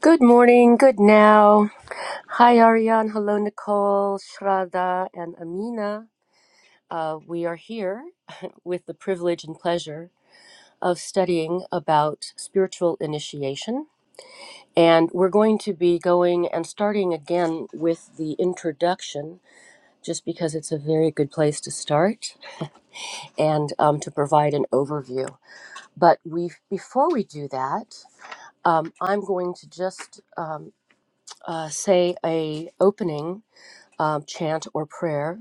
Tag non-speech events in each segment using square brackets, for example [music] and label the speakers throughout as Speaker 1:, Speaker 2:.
Speaker 1: Good morning, good now. Hi, Ariane. Hello, Nicole, Shraddha, and Amina. Uh, we are here [laughs] with the privilege and pleasure of studying about spiritual initiation. And we're going to be going and starting again with the introduction, just because it's a very good place to start and um, to provide an overview. But we, before we do that, um, I'm going to just um, uh, say a opening um, chant or prayer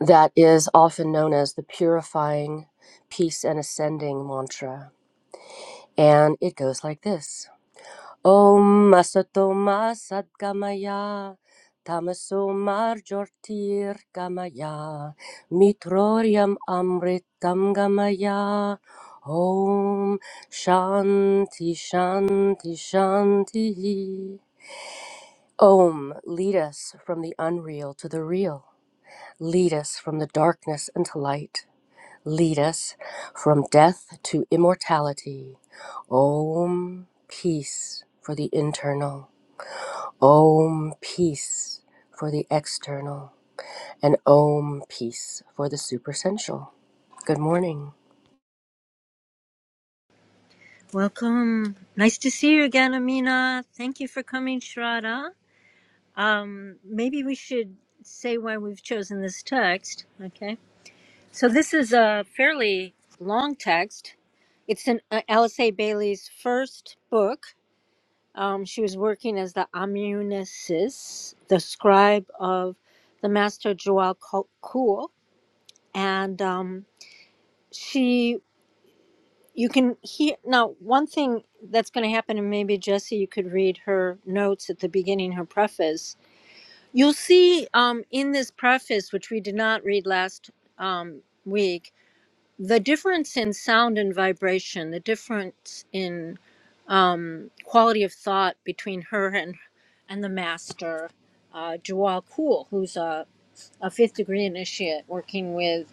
Speaker 1: that is often known as the purifying, peace, and ascending mantra. And it goes like this Om Masatoma Sadgamaya. Tamaso marjortir gamaya, mitroriam amritam gamaya, om shanti shanti shanti. Om, lead us from the unreal to the real. Lead us from the darkness into light. Lead us from death to immortality. Om peace for the internal. Om peace for the external. And Om peace for the supersensual. Good morning.
Speaker 2: Welcome. Nice to see you again, Amina. Thank you for coming, Shraddha. Um, maybe we should say why we've chosen this text. Okay. So this is a fairly long text. It's in uh, Alice A Bailey's first book. Um, she was working as the Amunesis, the scribe of the master Joao Kuhl, and um, she you can hear now one thing that's going to happen and maybe jesse you could read her notes at the beginning her preface you'll see um, in this preface which we did not read last um, week the difference in sound and vibration the difference in um, quality of thought between her and and the master uh, Jawal Kool, who's a, a fifth degree initiate working with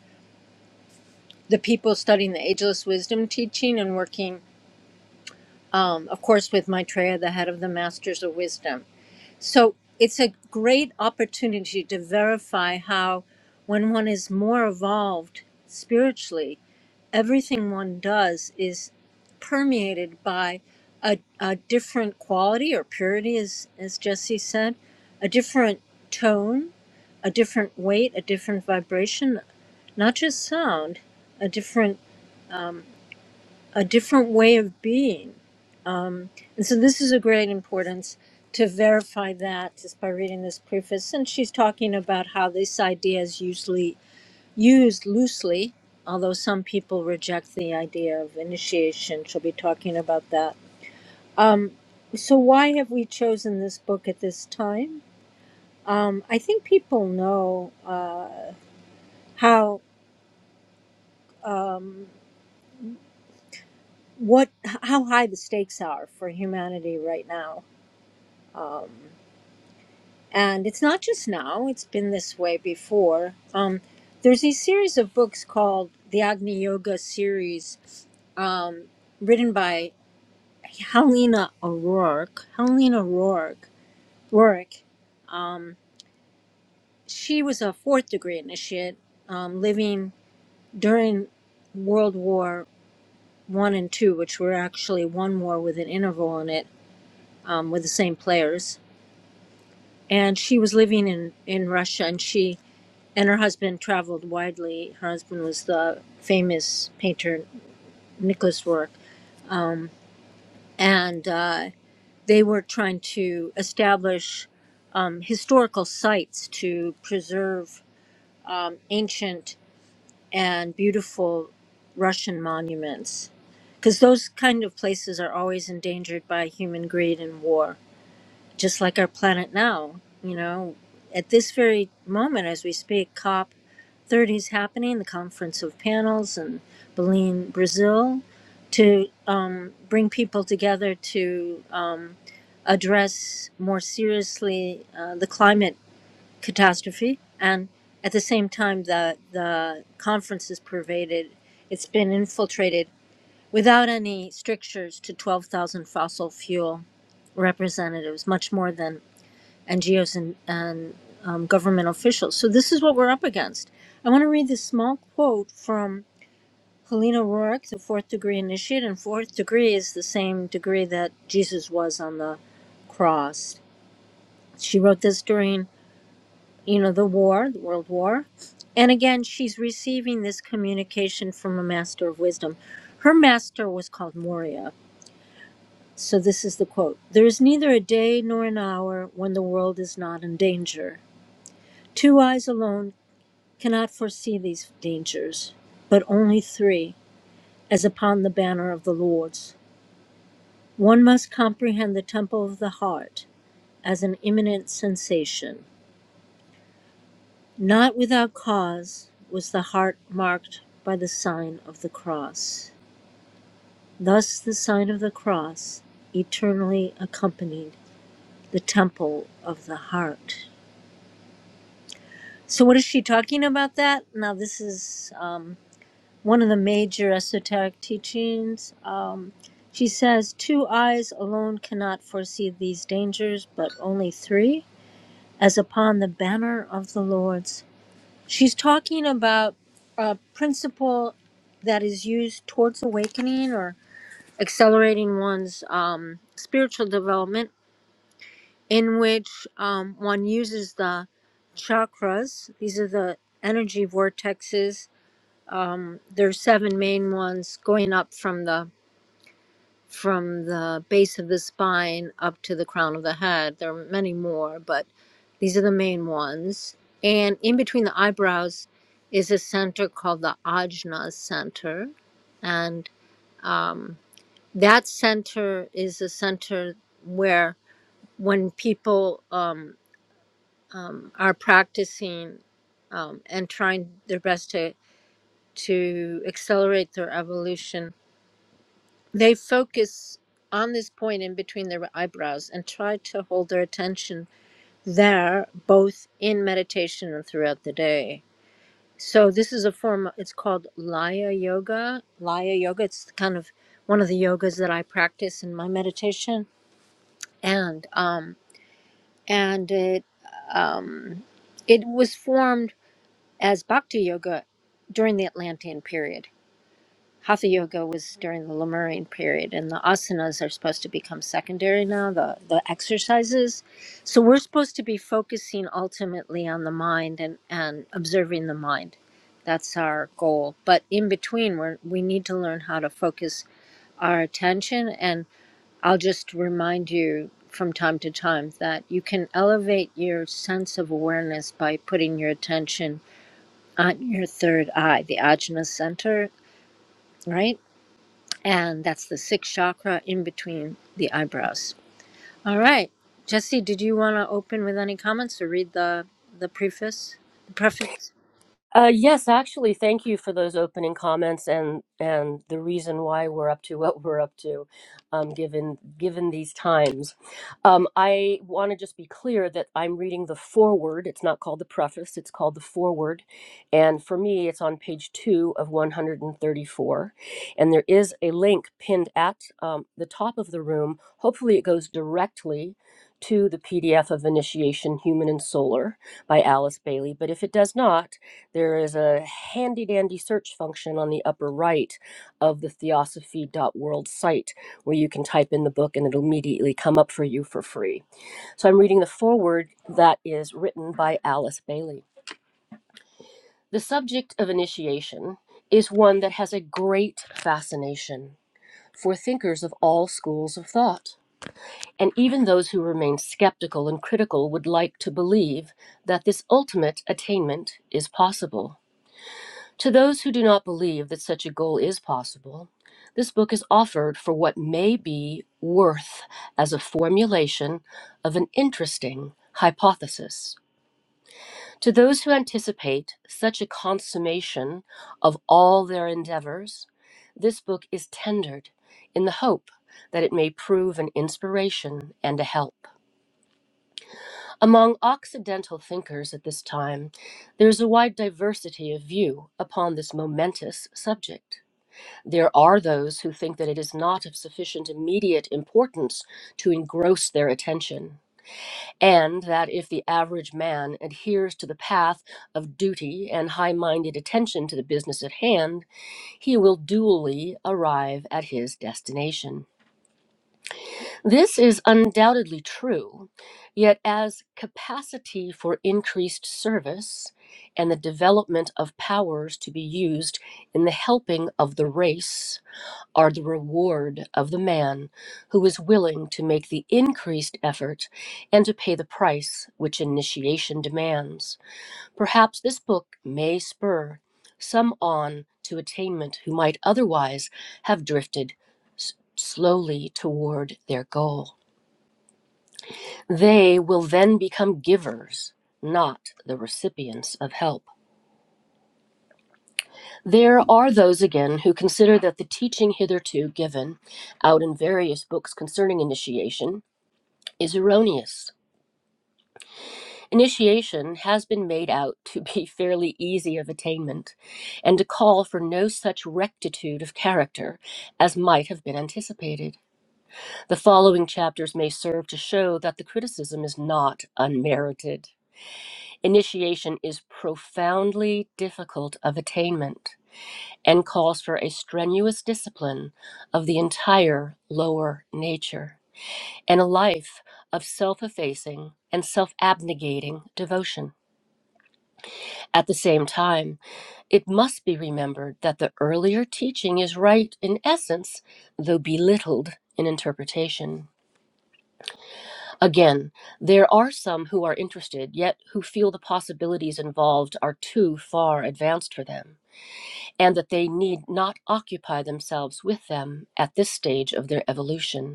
Speaker 2: the people studying the ageless wisdom teaching and working um, of course, with Maitreya, the head of the Masters of Wisdom. So it's a great opportunity to verify how, when one is more evolved spiritually, everything one does is permeated by a, a different quality or purity, as, as Jesse said, a different tone, a different weight, a different vibration, not just sound, a different a different way of being And so this is a great importance to verify that just by reading this preface. And she's talking about how this idea is usually used loosely, although some people reject the idea of initiation. She'll be talking about that. Um, so why have we chosen this book at this time? Um, I think people know uh, how um, what how high the stakes are for humanity right now. Um, And it's not just now, it's been this way before. Um, there's a series of books called the Agni Yoga series, um, written by Helena O'Rourke. Helena O'Rourke. Rourke. Um, she was a fourth degree initiate um, living during World War One and Two, which were actually one war with an interval in it um, with the same players. And she was living in, in Russia and she And her husband traveled widely. Her husband was the famous painter Nicholas Rourke, and uh, they were trying to establish um, historical sites to preserve um, ancient and beautiful Russian monuments, because those kind of places are always endangered by human greed and war, just like our planet now. You know, at this very moment as we speak, COP. 30s happening, the Conference of Panels in Belém, Brazil, to um, bring people together to um, address more seriously uh, the climate catastrophe. And at the same time, the, the conference is pervaded, it's been infiltrated without any strictures to 12,000 fossil fuel representatives, much more than NGOs and, and um, government officials. So this is what we're up against. I want to read this small quote from Helena Rourke, the fourth degree initiate, and fourth degree is the same degree that Jesus was on the cross. She wrote this during, you know, the war, the World War. And again, she's receiving this communication from a master of wisdom. Her master was called Moria. So this is the quote There is neither a day nor an hour when the world is not in danger. Two eyes alone cannot foresee these dangers, but only three, as upon the banner of the Lord's. One must comprehend the temple of the heart as an imminent sensation. Not without cause was the heart marked by the sign of the cross. Thus, the sign of the cross eternally accompanied the temple of the heart. So, what is she talking about that? Now, this is. Um, one of the major esoteric teachings. Um, she says, Two eyes alone cannot foresee these dangers, but only three, as upon the banner of the Lord's. She's talking about a principle that is used towards awakening or accelerating one's um, spiritual development, in which um, one uses the chakras, these are the energy vortexes um, there's seven main ones going up from the from the base of the spine up to the crown of the head. There are many more, but these are the main ones. And in between the eyebrows is a center called the Ajna Center, and um, that center is a center where when people um, um, are practicing um, and trying their best to to accelerate their evolution They focus on this point in between their eyebrows and try to hold their attention there, both in meditation and throughout the day. So this is a form. It's called Laya Yoga. Laya Yoga. It's kind of one of the yogas that I practice in my meditation, and um, and it um, it was formed as Bhakti Yoga during the Atlantean period. Hatha yoga was during the Lemurian period, and the asanas are supposed to become secondary now, the, the exercises. So we're supposed to be focusing ultimately on the mind and, and observing the mind. That's our goal. But in between, we're, we need to learn how to focus our attention. And I'll just remind you from time to time that you can elevate your sense of awareness by putting your attention on your third eye, the ajna center, right? And that's the sixth chakra in between the eyebrows. All right. Jesse, did you want to open with any comments or read the, the preface? The preface?
Speaker 1: Uh, yes, actually, thank you for those opening comments and and the reason why we're up to [laughs] what we're up to, um, given given these times. Um, I want to just be clear that I'm reading the foreword. It's not called the preface; it's called the foreword, and for me, it's on page two of 134, and thirty-four, and there is a link pinned at um, the top of the room. Hopefully, it goes directly to the PDF of Initiation Human and Solar by Alice Bailey. But if it does not, there is a handy dandy search function on the upper right of the Theosophy dot world site where you can type in the book and it'll immediately come up for you for free. So I'm reading the foreword that is written by Alice Bailey. The subject of initiation is one that has a great fascination for thinkers of all schools of thought. And even those who remain skeptical and critical would like to believe that this ultimate attainment is possible To those who do not believe that such a goal is possible, this book is offered for what may be worth as a formulation of an interesting hypothesis. To those who anticipate such a consummation of all their endeavors, this book is tendered in the hope that it may prove an inspiration and a help. Among Occidental thinkers at this time, there is a wide diversity of view upon this momentous subject. There are those who think that it is not of sufficient immediate importance to engross their attention, and that if the average man adheres to the path of duty and high minded attention to the business at hand, he will duly arrive at his destination. This is undoubtedly true, yet, as capacity for increased service and the development of powers to be used in the helping of the race are the reward of the man who is willing to make the increased effort and to pay the price which initiation demands. Perhaps this book may spur some on to attainment who might otherwise have drifted s- slowly toward their goal. They will then become givers, not the recipients of help. There are those again who consider that the teaching hitherto given out in various books concerning initiation is erroneous. Initiation has been made out to be [laughs] fairly easy of attainment, and to call for no such rectitude of character as might have been anticipated. The following chapters may serve to show that the criticism is not unmerited. Initiation is profoundly difficult of attainment and calls for a strenuous discipline of the entire lower nature. and a life of self effacing and self abnegating devotion. At the same time, it must be remembered that the earlier teaching is right in essence, though belittled in interpretation. Again, there are some who are interested, yet who feel the possibilities involved are too far advanced for them, and that they need not occupy themselves with them at this stage of their evolution.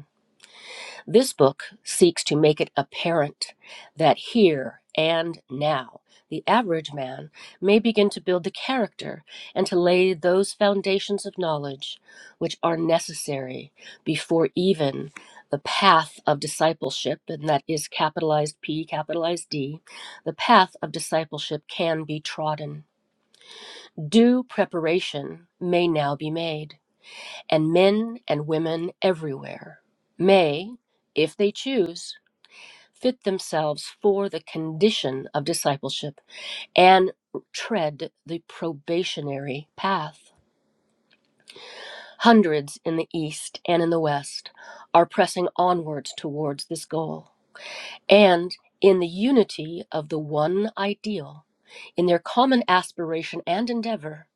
Speaker 1: This book seeks to make it apparent that here and now, the average man may begin to build the character and to lay those foundations of knowledge which are necessary before even the path of discipleship, and that is capitalized P, capitalized D, the path of discipleship can be trodden. Due preparation may now be made, and men and women everywhere may, if they choose, fit themselves for the condition of discipleship and tread the probationary path. Hundreds in the East and in the West are pressing onwards towards this goal. And in the unity of the one ideal, in their common aspiration and endeavor,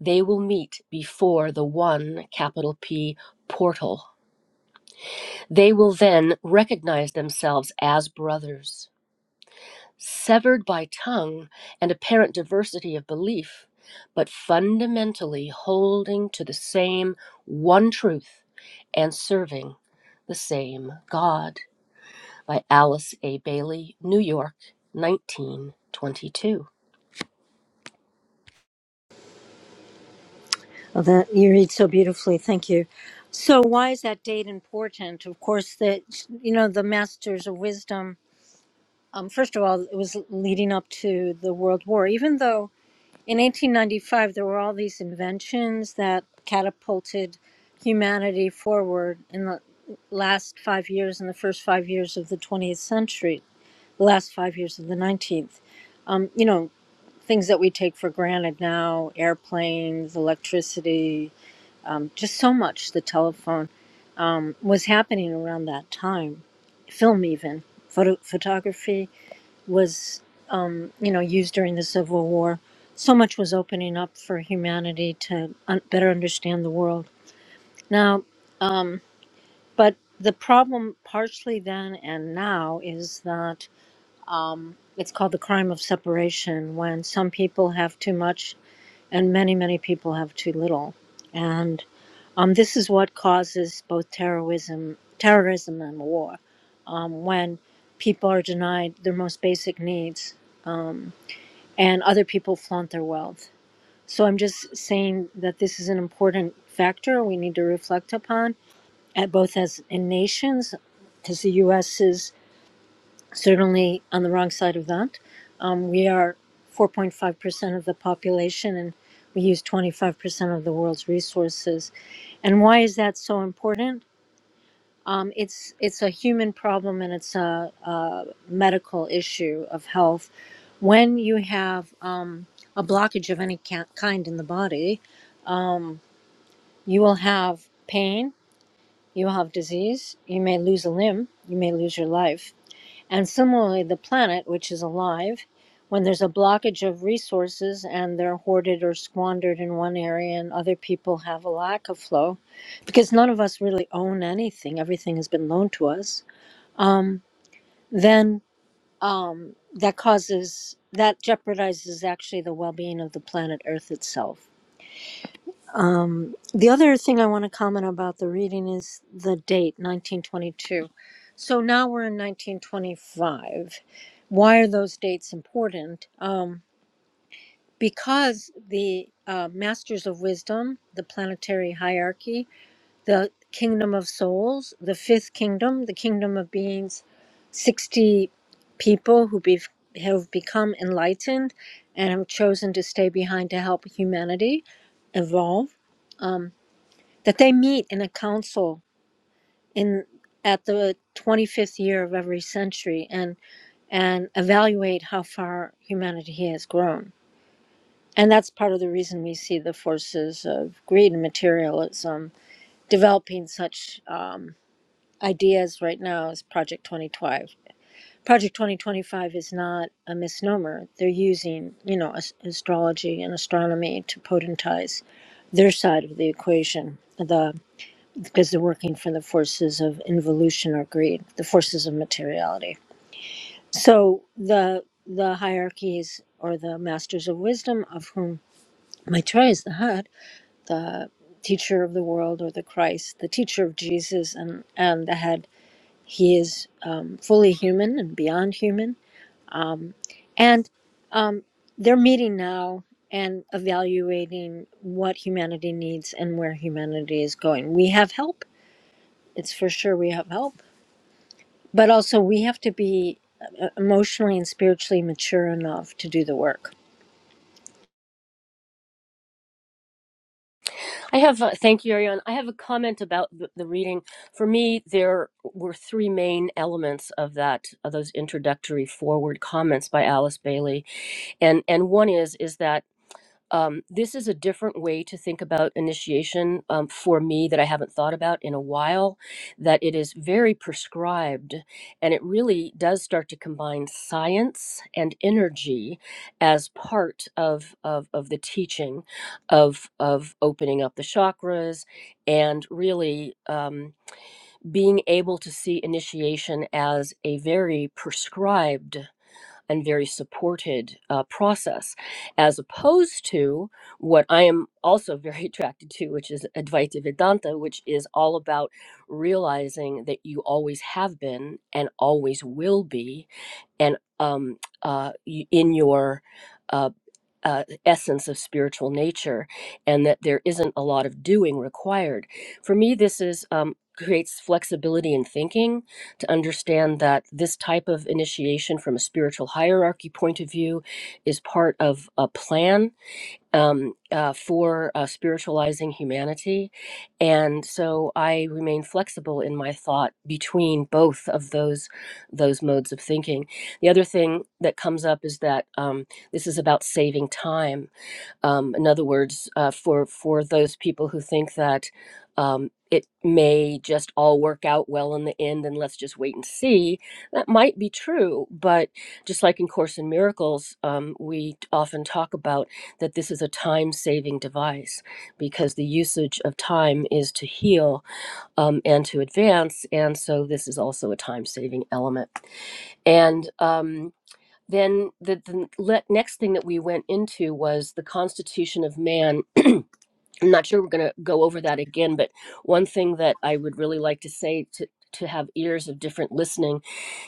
Speaker 1: they will meet before the one capital P portal. They will then recognize themselves as brothers severed by tongue and apparent diversity of belief, but fundamentally holding to the same one truth and serving the same God. By Alice A. Bailey, New York, 1922.
Speaker 2: Oh, that you read so beautifully. Thank you. So, why is that date important? Of course, that you know the Masters of Wisdom. Um, first of all, it was leading up to the World War. Even though In 1895, there were all these inventions that catapulted humanity forward in the last five years, in the first five years of the 20th century, the last five years of the 19th. Um, you know, things that we take for granted now airplanes, electricity, um, just so much, the telephone um, was happening around that time, film, even, photo- photography was, um, you know, used during the Civil War. So much was opening up for humanity to un- better understand the world. Now, um, but the problem, partially then and now, is that um, it's called the crime of separation when some people have too much and many, many people have too little. And um, this is what causes both terrorism, terrorism and war. Um, when people are denied their most basic needs, and other people flaunt their wealth. So I'm just saying that this is an important factor we need to reflect upon, at both as in nations, because the U.S. is certainly on the wrong side of that. Um, we are 4.5% of the population, and we use 25% of the world's resources. And why is that so important? Um, it's it's a human problem and it's a, a medical issue of health. When you have um, a blockage of any ca- kind in the body, um, you will have pain, you will have disease, you may lose a limb, you may lose your life. And similarly, the planet, which is alive, when there's a blockage of resources and they're hoarded or squandered in one area and other people have a lack of flow, because none of us really own anything, everything has been loaned to us um, then um, that causes that jeopardizes actually the well-being of the planet Earth itself. Um, the other thing I want to comment about the reading is the date, 1922. So now we're in 1925. Why are those dates important? Um, because the uh, Masters of Wisdom, the planetary hierarchy, the kingdom of souls, the fifth kingdom, the kingdom of beings, 60 people who be, have become enlightened and have chosen to stay behind to help humanity evolve, um, that they meet in a council in at the 25th year of every century and and evaluate how far humanity has grown. And that's part of the reason we see the forces of greed and materialism developing such um, ideas right now is Project 2025. Project 2025 is not a misnomer. They're using, you know, as- astrology and astronomy to potentize their side of the equation, the because they're working for the forces of involution or greed, the forces of materiality. So the the hierarchies or the masters of wisdom, of whom Maitreya is the head, the teacher of the world or the Christ, the teacher of Jesus, and and the head he is um, fully human and beyond human. And um, they're meeting now and evaluating what humanity needs and where humanity is going. We have help. It's for sure we have help. But also, we have to be uh, emotionally and spiritually mature enough to do the work.
Speaker 1: I have, uh, thank you, Ariane. I have a comment about the, the reading. For me, there were three main elements of that, of those introductory forward comments by Alice Bailey, and and one is is that um, this is a different way to think about initiation um, for me that I haven't thought about in a while. That it is very prescribed, and it really does start to combine science and energy as part of of, of the teaching of of opening up the chakras and really. Um, being able to see initiation as a very prescribed and very supported uh, process, as opposed to what I am also [laughs] very attracted to, which is Advaita Vedanta, which is all about realizing that you always have been and always will be and um, uh, in your uh, uh, essence of spiritual nature, and that there isn't a lot of doing required. For me, this is um, creates flexibility in thinking to understand that this type of initiation from a spiritual hierarchy point of view is part of a plan um, uh, for uh, spiritualizing humanity. And so I remain flexible in my thought between both of those those modes of thinking. The other thing that comes up is that um, this is about saving time um, in other words, uh, for for those people who think that um, it may just all work out well in the end, and let's just wait and see, that might be true. But just like in Course in Miracles, um, we often talk about that this is a time-saving device because the usage of time is to heal um, and to advance, and so this is also a time-saving element. And um, then the, the next thing that we went into was the constitution of man [clears throat] I'm not sure we're going to go over that again, but one thing that I would really like to say to to have ears of different listening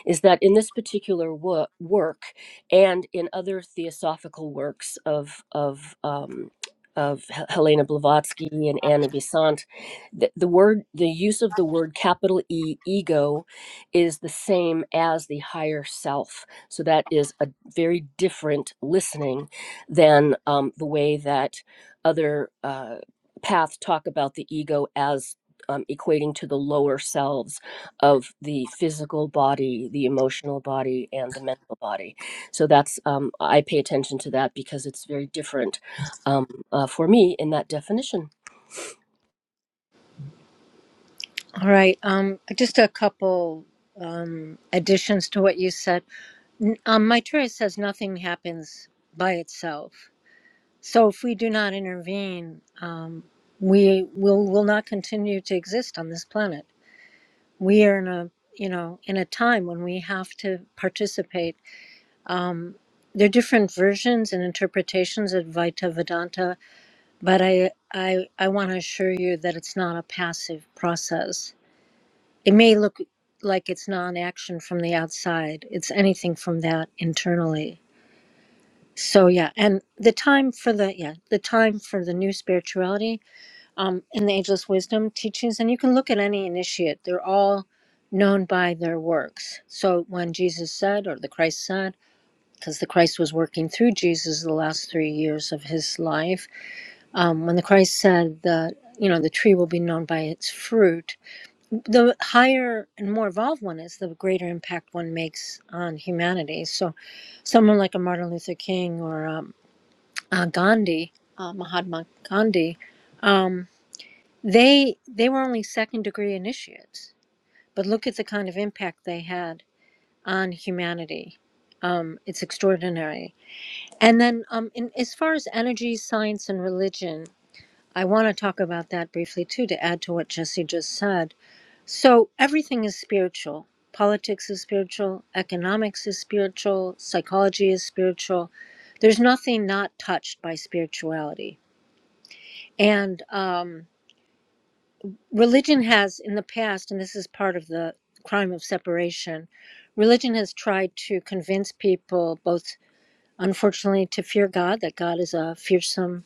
Speaker 1: is that in this particular wo- work and in other theosophical works of of um, of H- Helena Blavatsky and Anna Besant, the, the word the use of the word capital E ego is the same as the higher self. So that is a very different listening than um, the way that other. uh, path talk about the ego as um, equating to the lower selves of the physical body, the emotional body, and the mental body. So that's um, I pay attention to that because it's very different um, uh, for me in that definition.
Speaker 2: All right. Um, just a couple um, additions to what you said. N- Um, my says nothing happens by itself. So if we do not intervene, um, we will will not continue to exist on this planet. We are in a you know in a time when we have to participate. Um, there are different versions and interpretations of Vaita Vedanta, but I I, I want to assure you that it's not a passive process. It may look like it's non-action from the outside. It's anything from that internally. So yeah, and the time for the yeah the time for the new spirituality um, in the Ageless Wisdom teachings, and you can look at any initiate, they're all known by their works. So when Jesus said, or the Christ said, because the Christ was working through Jesus the last three years of his life, um, when the Christ said that, you know, the tree will be known by its fruit, the higher and more evolved one is, the greater impact one makes on humanity. So someone like a Martin Luther King or um, uh, Gandhi, uh, Mahatma Gandhi, um, they they were only second degree initiates, but look at the kind of impact they had on humanity. Um, it's extraordinary. And then, um, in, as far as energy, science, and religion, I want to talk about that briefly too, to add to what Jesse just said. So everything is spiritual. Politics is spiritual. Economics is spiritual. Psychology is spiritual. There's nothing not touched by spirituality. And um, religion has in the past and this is part of the crime of separation religion has tried to convince people both unfortunately to fear god that god is a fearsome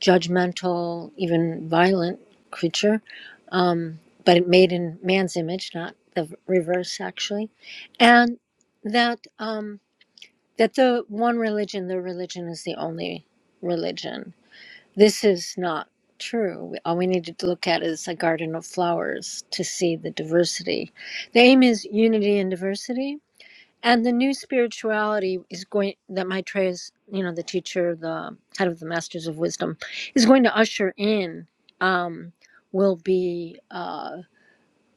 Speaker 2: judgmental even violent creature um, but it made in man's image not the reverse actually and that um, that the one religion the religion is the only religion this is not true. All we need to look at is a garden of flowers to see the diversity. The aim is unity and diversity. And the new spirituality is going that Maitreya is, you know, the teacher, the head of the Masters of Wisdom, is going to usher in. Um, will be uh,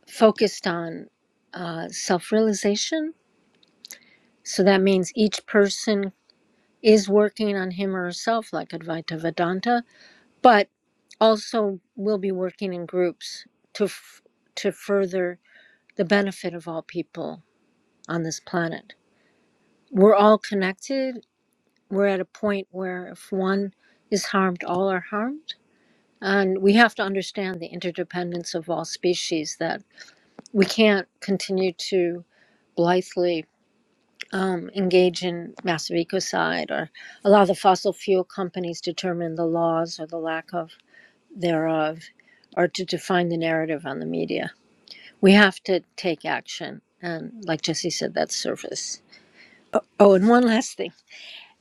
Speaker 2: focused on uh, self-realization. So that means each person is working on him or herself, like Advaita Vedanta, but also we'll be working in groups to f- to further the benefit of all people on this planet. We're all connected. We're at a point where if one is harmed, all are harmed, and we have to understand the interdependence of all species. That we can't continue to blithely um, engage in massive ecocide or allow the fossil fuel companies determine the laws or the lack of thereof or to define the narrative on the media. We have to take action. And like Jesse said, that's surface. Oh, and one last thing.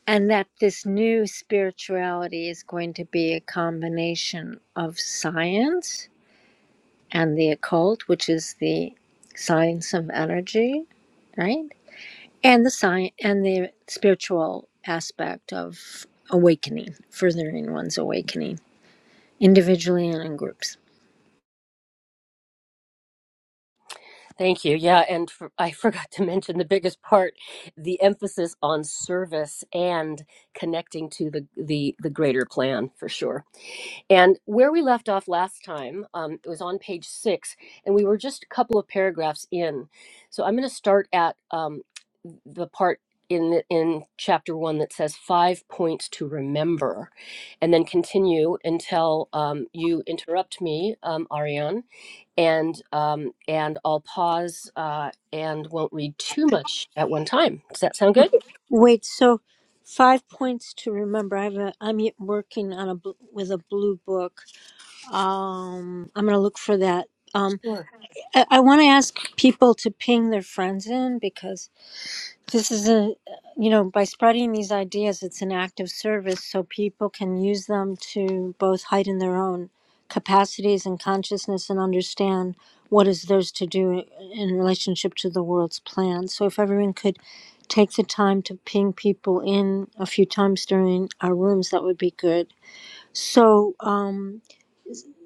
Speaker 2: And that this new spirituality is going to be a combination of science and the occult, which is the science of energy, right? And the science and the spiritual aspect of awakening, furthering one's awakening individually and in groups.
Speaker 1: Thank you. Yeah, and for, I [laughs] forgot to mention the biggest part, the emphasis on service and connecting to the the the greater plan for sure. And where we left off last time, um, it was on page six, and we were just a couple of paragraphs in. So I'm going to start at um, the part in the, in chapter one that says five points to remember, and then continue until um, you interrupt me, um, Ariane, and um, and I'll pause uh, and won't read too much at one time. Does that sound good?
Speaker 2: Wait, so five points to remember. I have a. I'm y- working on a bl- with a blue book. Um, I'm gonna look for that. Um,
Speaker 1: Sure.
Speaker 2: I, I want to ask people to ping their friends in because this is a, you know, by spreading these ideas, it's an act of service so people can use them to both heighten their own capacities and consciousness and understand what is theirs to do in relationship to the world's plan. So if everyone could take the time to ping people in a few times during our rooms, that would be good. So, um,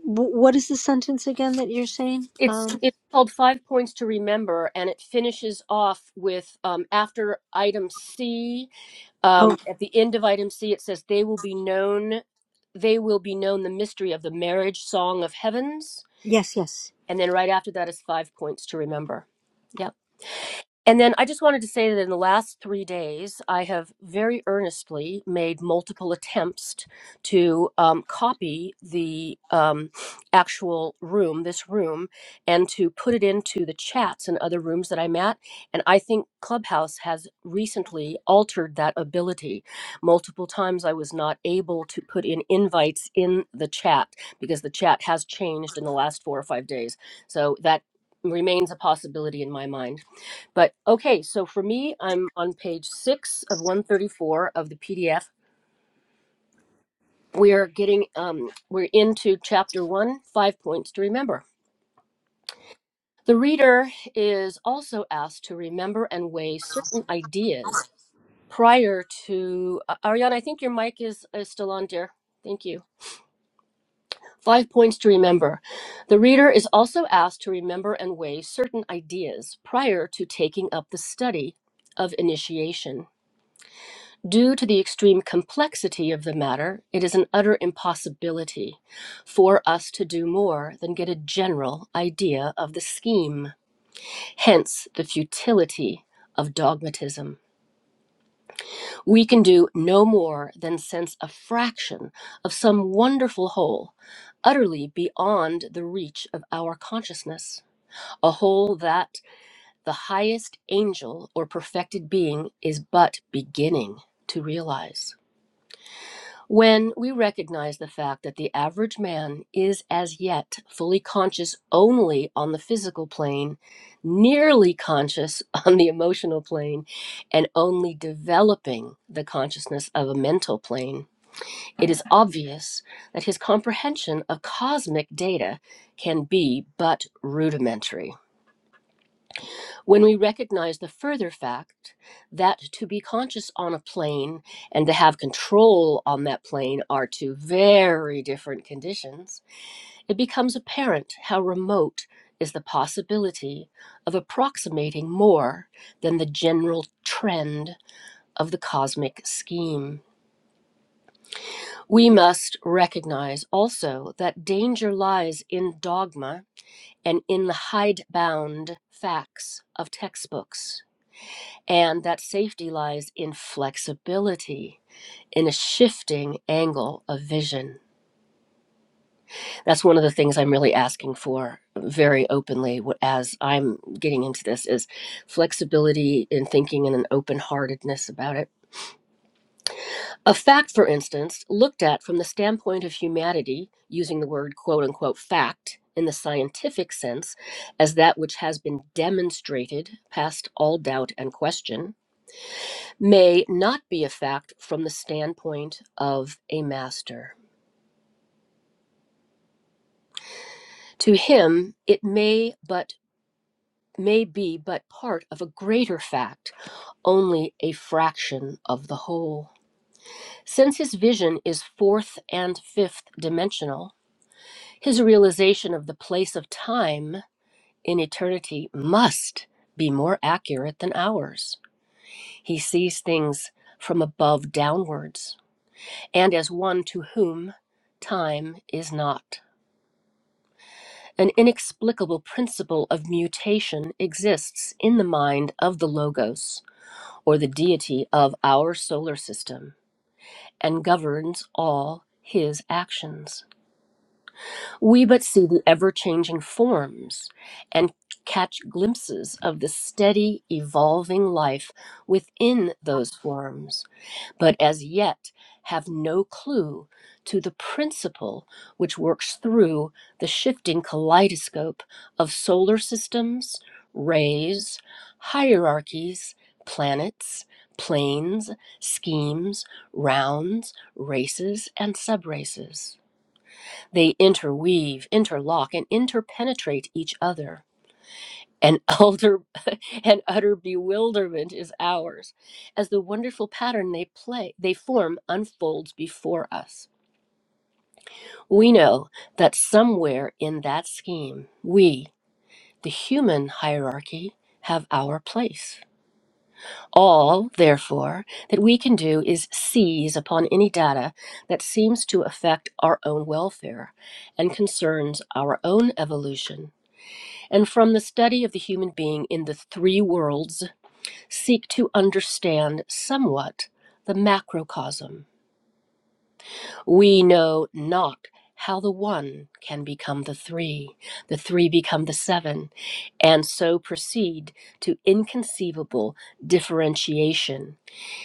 Speaker 2: w- what is the sentence again that you're saying?
Speaker 1: It's
Speaker 2: Um,
Speaker 1: it's called Five Points to Remember, and it finishes off with um, after item C. Um,
Speaker 2: oh,
Speaker 1: at the end of item C, it says they will be known. They will be known the mystery of the marriage song of heavens,
Speaker 2: yes, yes.
Speaker 1: and then right after that is Five Points to Remember. Yep. And then I just wanted to say that in the last three days, I have very earnestly made multiple attempts to um, copy the um, actual room, this room, and to put it into the chats and other rooms that I'm at. And I think Clubhouse has recently altered that ability. Multiple times I was not able to put in invites in the chat because the chat has changed in the last four or five days. So that remains a possibility in my mind. But okay, so for me, I'm on page six of 134 of the PDF. We're getting, um, we're into chapter one, five points to remember. The reader is also asked to remember and weigh certain ideas prior to. Uh, Ariana, I think your mic is, is still on, dear. Thank you. Five points to remember. The reader is also asked to remember and weigh certain ideas prior to taking up the study of initiation. Due to the extreme complexity of the matter, it is an utter impossibility for us to do more than get a general idea of the scheme, hence the futility of dogmatism. We can do no more than sense a fraction of some wonderful whole, utterly beyond the reach of our consciousness, a whole that the highest angel or perfected being is but beginning to realize. When we recognize the fact that the average man is as yet fully conscious only on the physical plane, nearly conscious [laughs] on the emotional plane, and only developing the consciousness of a mental plane, it is obvious that his comprehension of cosmic data can be but rudimentary. When we recognize the further fact that to be conscious on a plane and to have control on that plane are two very different conditions, it becomes apparent how remote is the possibility of approximating more than the general trend of the cosmic scheme. We must recognize also that danger lies in dogma and in the hidebound facts of textbooks And that safety lies in flexibility, in a shifting angle of vision. That's one of the things I'm really asking for very openly as I'm getting into this is flexibility in thinking and an open-heartedness about it. A fact, for instance, looked at from the standpoint of humanity, using the word quote unquote fact in the scientific sense, as that which has been demonstrated past all doubt and question may not be a fact from the standpoint of a master. To him, it may but may be but part of a greater fact, only a fraction of the whole. Since his vision is fourth and fifth dimensional, his realization of the place of time in eternity must be more accurate than ours. He sees things from above downwards, and as one to whom time is not. An inexplicable principle of mutation exists in the mind of the Logos, or the deity of our solar system, and governs all his actions. We but see the ever changing forms and catch glimpses of the steady, evolving life within those forms but as yet have no clue to the principle which works through the shifting kaleidoscope of solar systems, rays, hierarchies, planets, planes, schemes, rounds, races, and subraces. They interweave, interlock, and interpenetrate each other. An [laughs] elder and utter bewilderment is ours as the wonderful pattern they play they form unfolds before us we know that somewhere in that scheme we the human hierarchy have our place all therefore that we can do is seize upon any data that seems to affect our own welfare and concerns our own evolution and from the study of the human being in the three worlds seek to understand somewhat the macrocosm. We know not how the one can become the three, the three become the seven, and so proceed to inconceivable differentiation.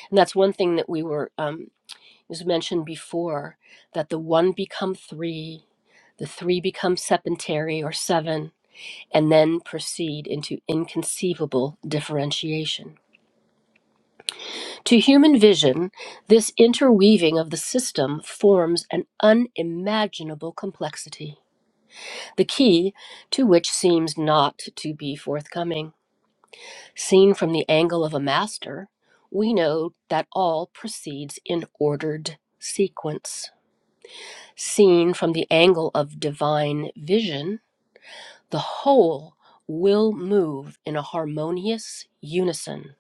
Speaker 1: And that's one thing that we were, um, it was mentioned before, that the one become three. The three become sepentary or seven, and then proceed into inconceivable differentiation. To human vision, this interweaving of the system forms an unimaginable complexity, the key to which seems not to be forthcoming. Seen from the angle of a master, we know that all proceeds in ordered sequence. Seen from the angle of divine vision, the whole will move in a harmonious unison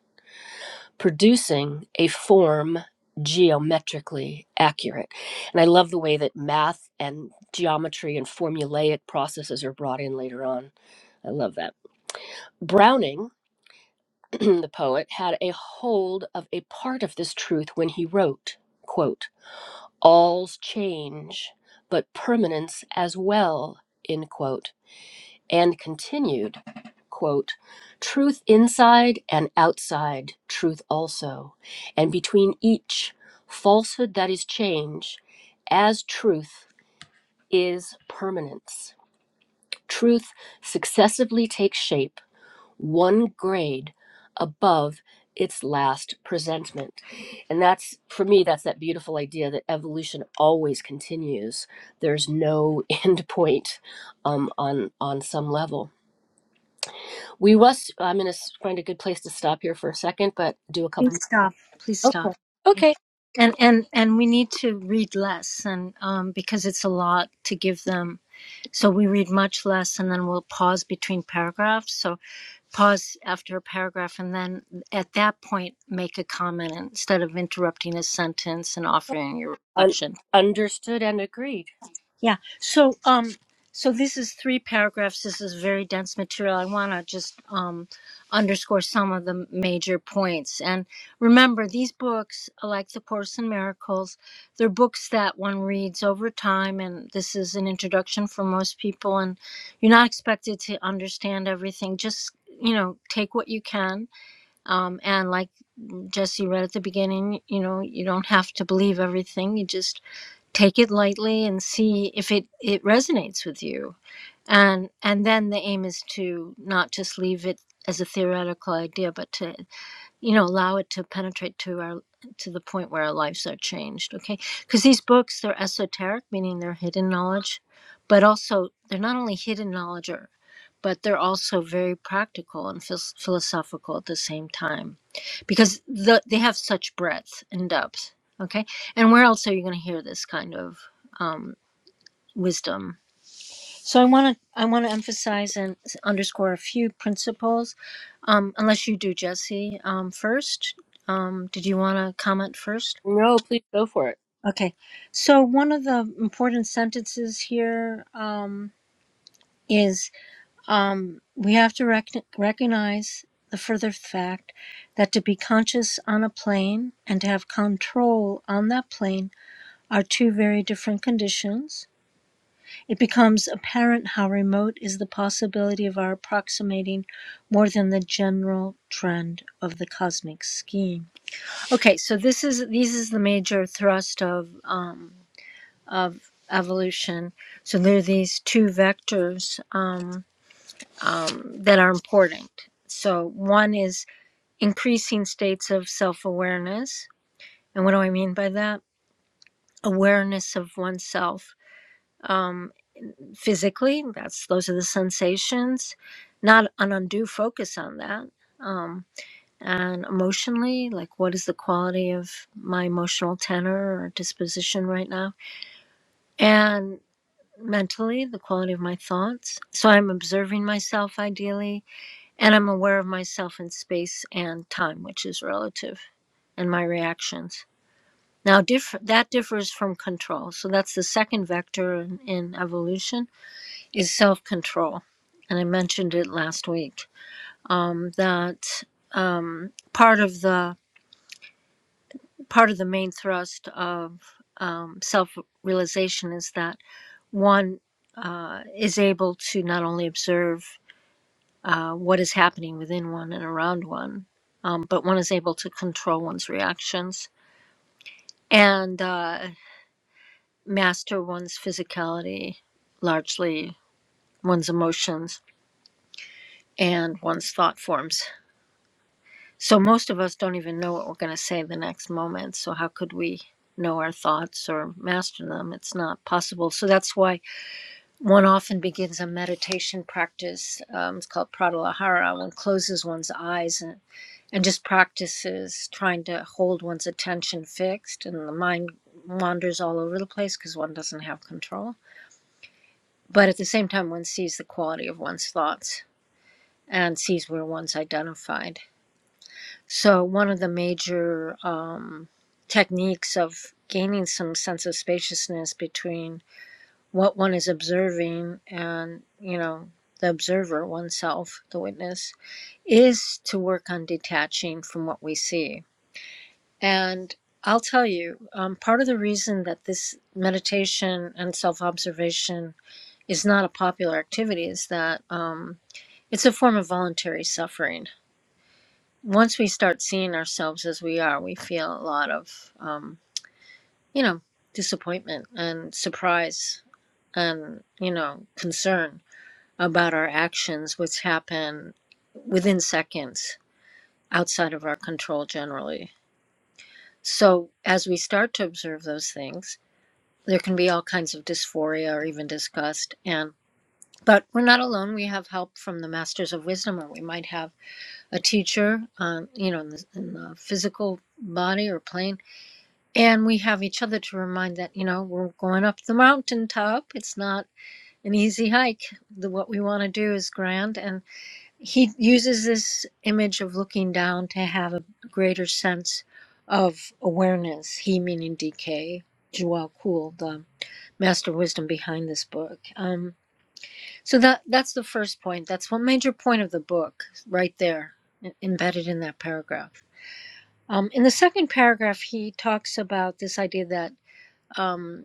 Speaker 1: producing a form geometrically accurate. And I love the way that math and geometry and formulaic processes are brought in later on. I love that. Browning, [clears throat] the poet, had a hold of a part of this truth when he wrote, quote, All's change, but permanence as well, end quote and continued, quote, truth inside and outside, truth also, and between each, falsehood that is change, as truth is permanence. Truth successively takes shape, one grade above its last presentment. And that's, for me, that's that beautiful idea that evolution always continues. There's no [laughs] end point um, on, on some level we was. I'm going to find a good place to stop here for a second, but do a couple.
Speaker 2: Please stop. Please
Speaker 1: More. Okay.
Speaker 2: stop.
Speaker 1: Okay.
Speaker 2: and and and we need to read less and um because it's a lot to give them so we read much less and then we'll pause between paragraphs so pause after a paragraph and then at that point make a comment instead of interrupting a sentence and offering your
Speaker 1: Un-
Speaker 2: reflection
Speaker 1: understood and agreed.
Speaker 2: yeah. So um so this is three paragraphs. This is very dense material. I want to just um underscore some of the major points. And remember these books like The Course in Miracles, they're books that one reads over time and this is an introduction for most people and you're not expected to understand everything. Just you know, take what you can. Um, and like Jesse read at the beginning, you know, you don't have to believe everything. You just take it lightly and see if it it resonates with you and and then the aim is to not just leave it as a theoretical idea but to you know allow it to penetrate to our to the point where our lives are changed okay because these books they're esoteric meaning they're hidden knowledge but also they're not only hidden knowledge or but they're also very practical and phil- philosophical at the same time because the, they have such breadth and depth okay and where else are you going to hear this kind of um, wisdom so I want to I want to emphasize and underscore a few principles. Um, unless you do, Jesse, um, first. Um, did you want to comment first?
Speaker 1: No, please go for it.
Speaker 2: Okay. So one of the important sentences here um, is um, we have to rec- recognize the further fact that to be conscious on a plane and to have control on that plane are two very different conditions It becomes apparent how remote is the possibility of our approximating more than the general trend of the cosmic scheme. Okay, so this is these is the major thrust of um, of evolution. So there are these two vectors um, um, that are important. So one is increasing states of self awareness, and what do I mean by that? Awareness of oneself Um, physically that's those are the sensations not an undue focus on that um and emotionally like what is the quality of my emotional tenor or disposition right now and mentally the quality of my thoughts so i'm observing myself ideally and i'm aware of myself in space and time which is relative and my reactions now diff- that differs from control so that's the second vector in, in evolution is self control. And I mentioned it last week um, that um, part of the part of the main thrust of um, self realization is that one uh, is able to not only observe uh, what is happening within one and around one, um, but one is able to control one's reactions and uh, master one's physicality, largely one's emotions and one's thought forms So most of us don't even know what we're going to say the next moment. So how could we know our thoughts or master them? It's not possible. So that's why one often begins a meditation practice. Um, it's called pratyahara. One closes one's eyes and, and just practices trying to hold one's attention fixed, and the mind wanders all over the place because one doesn't have control. But at the same time, one sees the quality of one's thoughts and sees where one's identified So, one of the major um, techniques of gaining some sense of spaciousness between what one is observing and, you know, the observer, oneself, the witness, is to work on detaching from what we see. And I'll tell you, um, part of the reason that this meditation and self observation is not a popular activity is that um, it's a form of voluntary suffering once we start seeing ourselves as we are, we feel a lot of, um, you know, disappointment and surprise and, you know, concern about our actions, which happen within seconds outside of our control generally. So as we start to observe those things, there can be all kinds of dysphoria or even disgust and but we're not alone. We have help from the masters of wisdom, or we might have a teacher, um, you know, in the, in the physical body or plane And we have each other to remind that, you know, we're going up the mountaintop. It's not an easy hike. The, what we want to do is grand. And he uses this image of looking down to have a greater sense of awareness, he meaning DK, Joao Kuhl, the master wisdom behind this book. Um, so that that's the first point. That's one major point of the book right there, em- embedded in that paragraph. Um, in the second paragraph, he talks about this idea that. Um,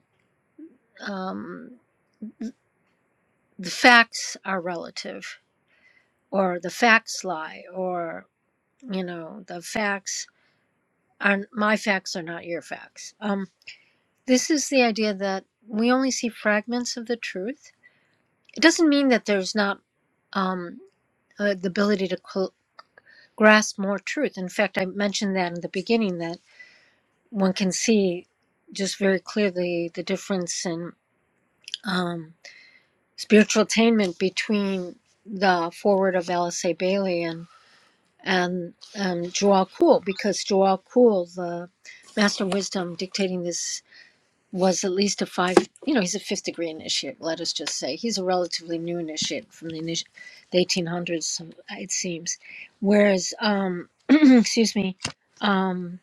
Speaker 2: um, the facts are relative or the facts lie or you know the facts are my facts are not your facts um, this is the idea that we only see fragments of the truth it doesn't mean that there's not um, uh, the ability to cl- grasp more truth in fact i mentioned that in the beginning that one can see just very clearly the difference in um, spiritual attainment between the forward of lsa bailey and. and um, Joao Kuhl, because Joao Kuhl, the master of wisdom dictating this, was at least a five, you know, he's a fifth degree initiate, let us just say. He's a relatively new initiate from the, initi- the 1800s, it seems. Whereas, um, [clears throat] excuse me, um,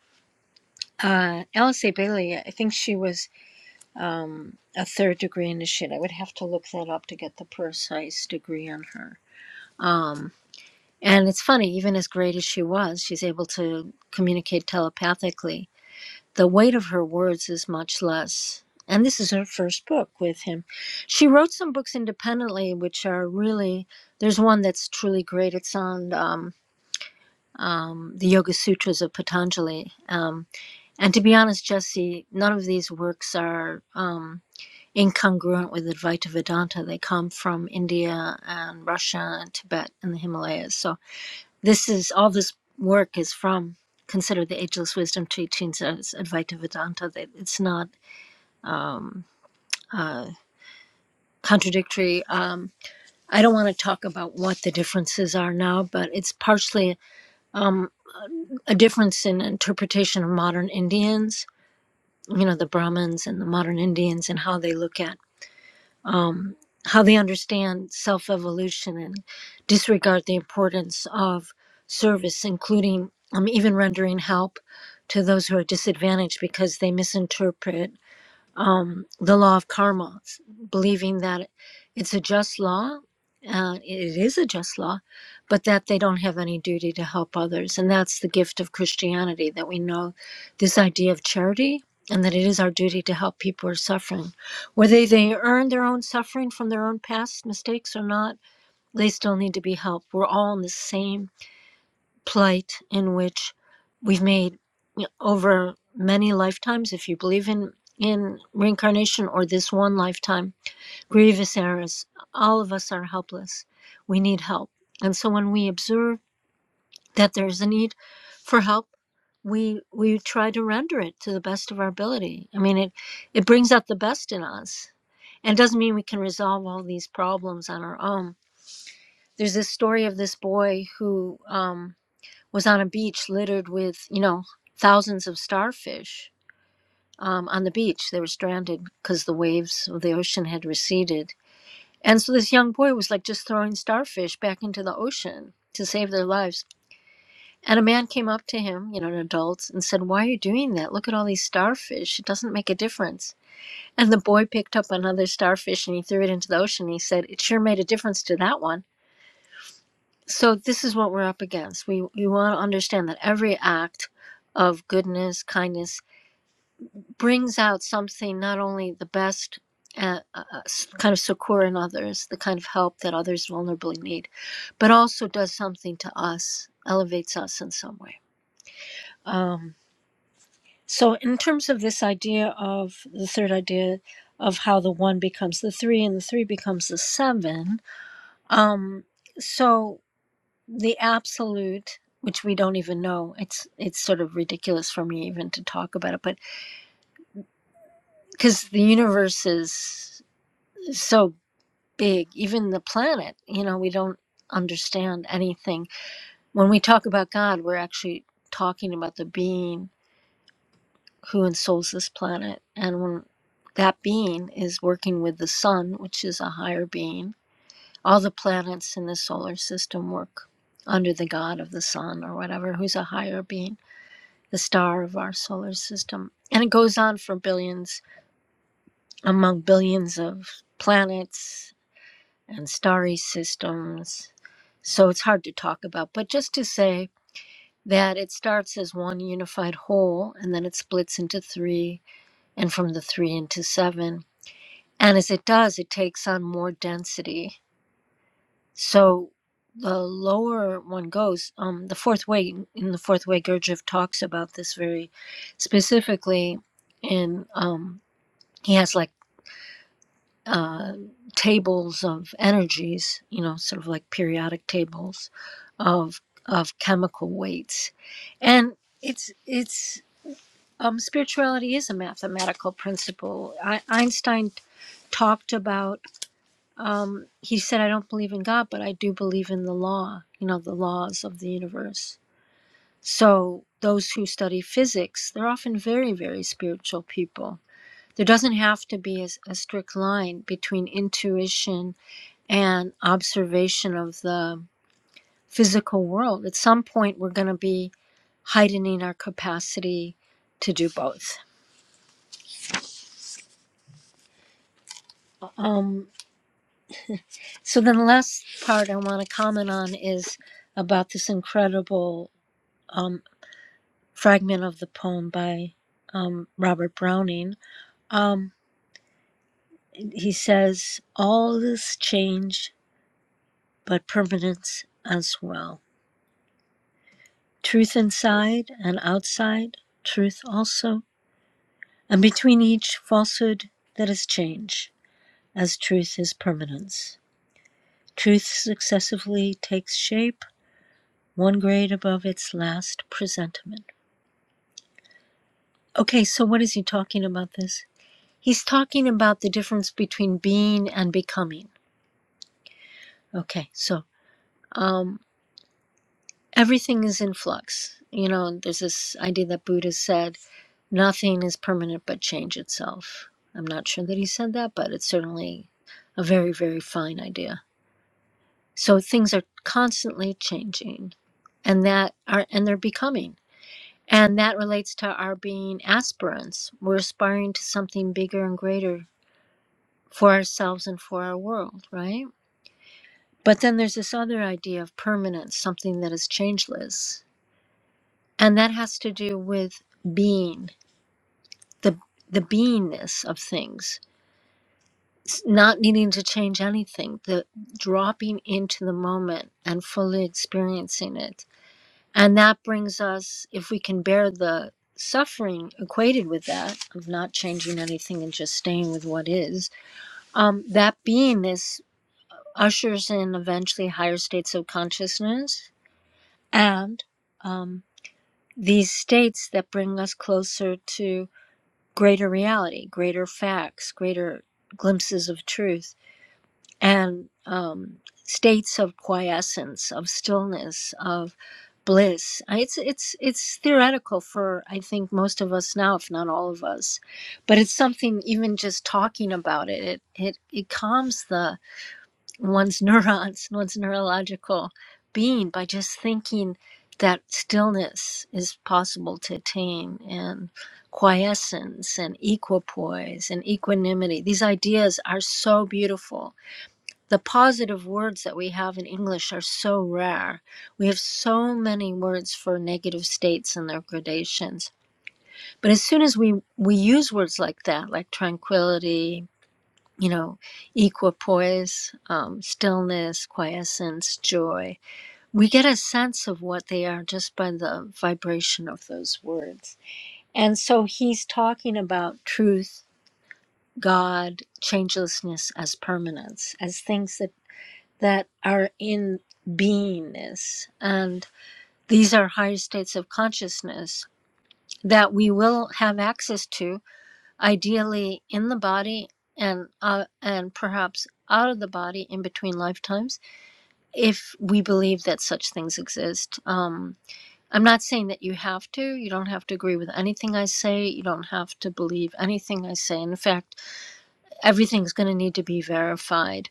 Speaker 2: uh, Alice A. Bailey, I think she was um, a third degree initiate. I would have to look that up to get the precise degree on her. Um, and it's funny, even as great as she was, she's able to communicate telepathically. The weight of her words is much less. And this is her first book with him. She wrote some books independently, which are really, there's one that's truly great. It's on um, um, the Yoga Sutras of Patanjali. Um, and to be honest, Jesse, none of these works are um, incongruent with Advaita Vedanta. They come from India and Russia and Tibet and the Himalayas. So this is all this work is from. Consider the ageless wisdom teachings as Advaita Vedanta. That it's not um, uh, contradictory. Um, I don't want to talk about what the differences are now, but it's partially um, a difference in interpretation of modern Indians. You know, the Brahmins and the modern Indians and how they look at um, how they understand self evolution and disregard the importance of service, including um, even rendering help to those who are disadvantaged because they misinterpret um, the law of karma, believing that it's a just law. Uh, it is a just law, but that they don't have any duty to help others. And that's the gift of Christianity that we know this idea of charity and that it is our duty to help people who are suffering. Whether they earn their own suffering from their own past mistakes or not, they still need to be helped. We're all on the same plight in which we've made you know, over many lifetimes, if you believe in in reincarnation or this one lifetime, grievous errors. All of us are helpless. We need help, and so when we observe that there is a need for help, we we try to render it to the best of our ability. I mean, it it brings out the best in us, and it doesn't mean we can resolve all these problems on our own. There's this story of this boy who. Um, was on a beach littered with, you know, thousands of starfish um, on the beach. They were stranded because the waves of the ocean had receded. And so this young boy was like just throwing starfish back into the ocean to save their lives. And a man came up to him, you know, an adult, and said, Why are you doing that? Look at all these starfish. It doesn't make a difference. And the boy picked up another starfish and he threw it into the ocean. He said, It sure made a difference to that one. So this is what we're up against. We we want to understand that every act of goodness, kindness brings out something not only the best uh, uh, uh, kind of succor in others, the kind of help that others vulnerably need, but also does something to us, elevates us in some way. Um, so in terms of this idea of the third idea of how the one becomes the three and the three becomes the seven, um, so. the absolute which we don't even know it's it's sort of ridiculous for me even to talk about it but because the universe is so big even the planet you know we don't understand anything when we talk about god we're actually talking about the being who ensouls this planet and when that being is working with the sun which is a higher being all the planets in the solar system work under the god of the sun or whatever who's a higher being the star of our solar system. And it goes on for billions, among billions of planets and starry systems. So it's hard to talk about. But just to say that it starts as one unified whole and then it splits into three, and from the three into seven. And as it does, it takes on more density So the lower one goes, um, the fourth way, in the fourth way, Gurdjieff talks about this very specifically, and um, he has like uh, tables of energies, you know, sort of like periodic tables of of chemical weights, and it's it's um, spirituality is a mathematical principle. I, Einstein talked about um, he said, I don't believe in God, but I do believe in the law, you know, the laws of the universe. So those who study physics, they're often very, very spiritual people. There doesn't have to be a a strict line between intuition and observation of the physical world. At some point, we're going to be heightening our capacity to do both. Um, so then the last part I want to comment on is about this incredible um, fragment of the poem by um, Robert Browning. Um, he says, All is change, but permanence as well. Truth inside and outside, truth also, and between each falsehood that is change, as truth is permanence. Truth successively takes shape, one grade above its last presentment. Okay, so what is he talking about this? He's talking about the difference between being and becoming Okay, so um, everything is in flux. You know, there's this idea that Buddha said, nothing is permanent but change itself. I'm not sure that he said that, but it's certainly a very, very fine idea. So things are constantly changing and that are and they're becoming. And that relates to our being aspirants. We're aspiring to something bigger and greater for ourselves and for our world, right? But then there's this other idea of permanence, something that is changeless and that has to do with being the the beingness of things s- not needing to change anything the dropping into the moment and fully experiencing it and that brings us if we can bear the suffering equated with that of not changing anything and just staying with what is um, that beingness ushers in eventually higher states of consciousness and um, these states that bring us closer to greater reality, greater facts, greater glimpses of truth, and um, states of quiescence, of stillness, of bliss. It's it's it's theoretical for I think most of us now, if not all of us, but it's something even just talking about it. It it, it calms the one's [laughs] neurons, one's neurological being by just thinking that stillness is possible to attain and quiescence and equipoise and equanimity. These ideas are so beautiful. The positive words that we have in English are so rare. We have so many words for negative states and their gradations. But as soon as we, we use words like that, like tranquility, you know, equipoise, um, stillness, quiescence, joy. We get a sense of what they are just by the vibration of those words. And so he's talking about truth, God, changelessness as permanence, as things that, that are in beingness. And these are higher states of consciousness that we will have access to ideally in the body and uh, and perhaps out of the body in between lifetimes if we believe that such things exist um i'm not saying that you have to you don't have to agree with anything i say you don't have to believe anything i say in fact everything's going to need to be verified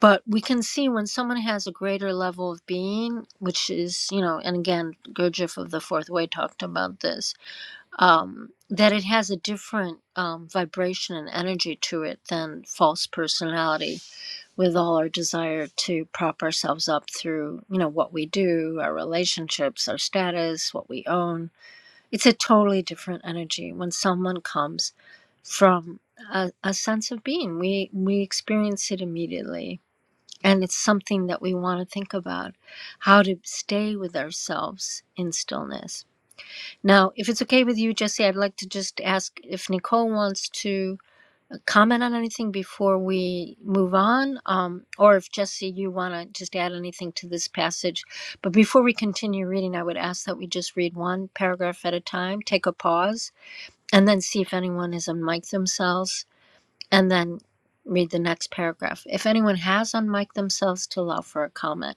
Speaker 2: but we can see when someone has a greater level of being which is you know and again gurdjieff of the fourth way talked about this um, that it has a different um, vibration and energy to it than false personality with all our desire to prop ourselves up through you know what we do our relationships our status what we own it's a totally different energy when someone comes from a, a sense of being we we experience it immediately and it's something that we want to think about how to stay with ourselves in stillness now, if it's okay with you, Jesse, I'd like to just ask if Nicole wants to uh, comment on anything before we move on, um, or if Jesse, you want to just add anything to this passage. But before we continue reading, I would ask that we just read one paragraph at a time, take a pause, and then see if anyone has unmiked themselves, and then read the next paragraph. If anyone has unmiked themselves, to allow for a comment.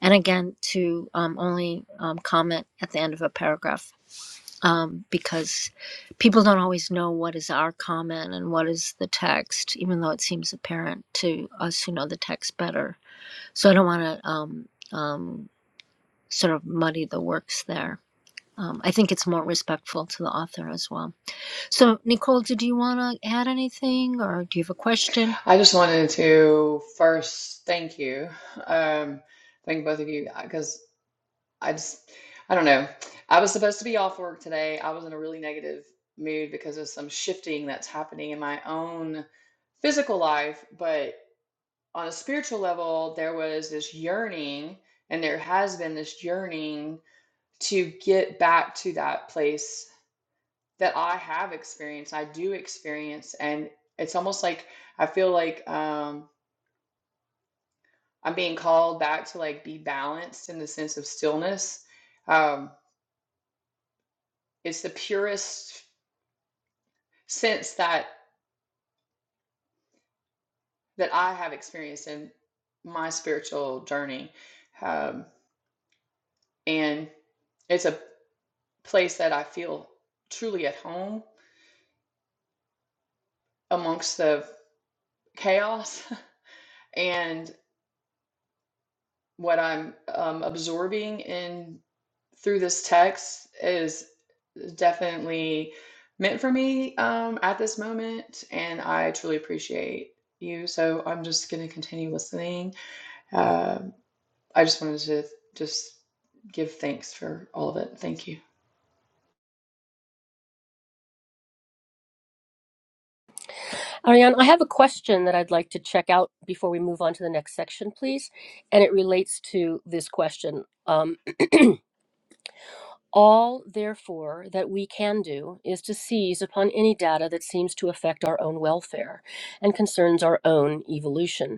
Speaker 2: And again, to um, only um, comment at the end of a paragraph um, because people don't always know what is our comment and what is the text, even though it seems apparent to us who know the text better. So I don't want to um, um, sort of muddy the works there. Um, I think it's more respectful to the author as well. So, Nicole, did you want to add anything or do you have a question?
Speaker 3: I just wanted to first thank you. Um, thank both of you because I just, I don't know. I was supposed to be off work today. I was in a really negative mood because of some shifting that's happening in my own physical life. But on a spiritual level, there was this yearning, and there has been this yearning to get back to that place that I have experienced, I do experience. And it's almost like I feel like, um, I'm being called back to like be balanced in the sense of stillness. Um, it's the purest sense that that I have experienced in my spiritual journey, um, and it's a place that I feel truly at home amongst the chaos [laughs] and what I'm um, absorbing in through this text is. is definitely meant for me um, at this moment, and I truly appreciate you. So I'm just going to continue listening. Uh, I just wanted to just give thanks for all of it. Thank you.
Speaker 1: Ariane, I have a question that I'd like to check out before we move on to the next section, please. And it relates to this question. Um, all, therefore, that we can do is to seize upon any data that seems to affect our own welfare and concerns our own evolution.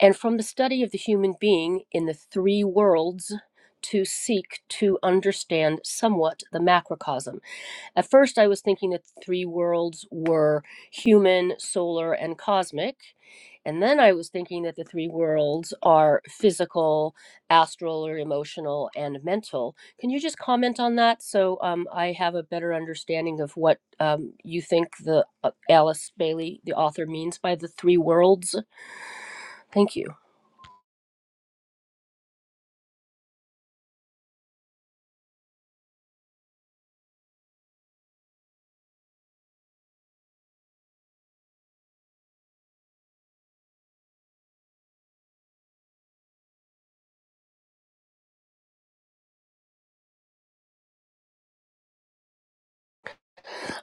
Speaker 1: and from the study of the human being in the three worlds to seek to understand somewhat the macrocosm. At first, I was thinking that the three worlds were human, solar, and cosmic. And then I was thinking that the three worlds are physical, astral, or emotional, and mental. Can you just comment on that so um, I have a better understanding of what um, you think the uh, Alice Bailey, the author, means by the three worlds? Thank you.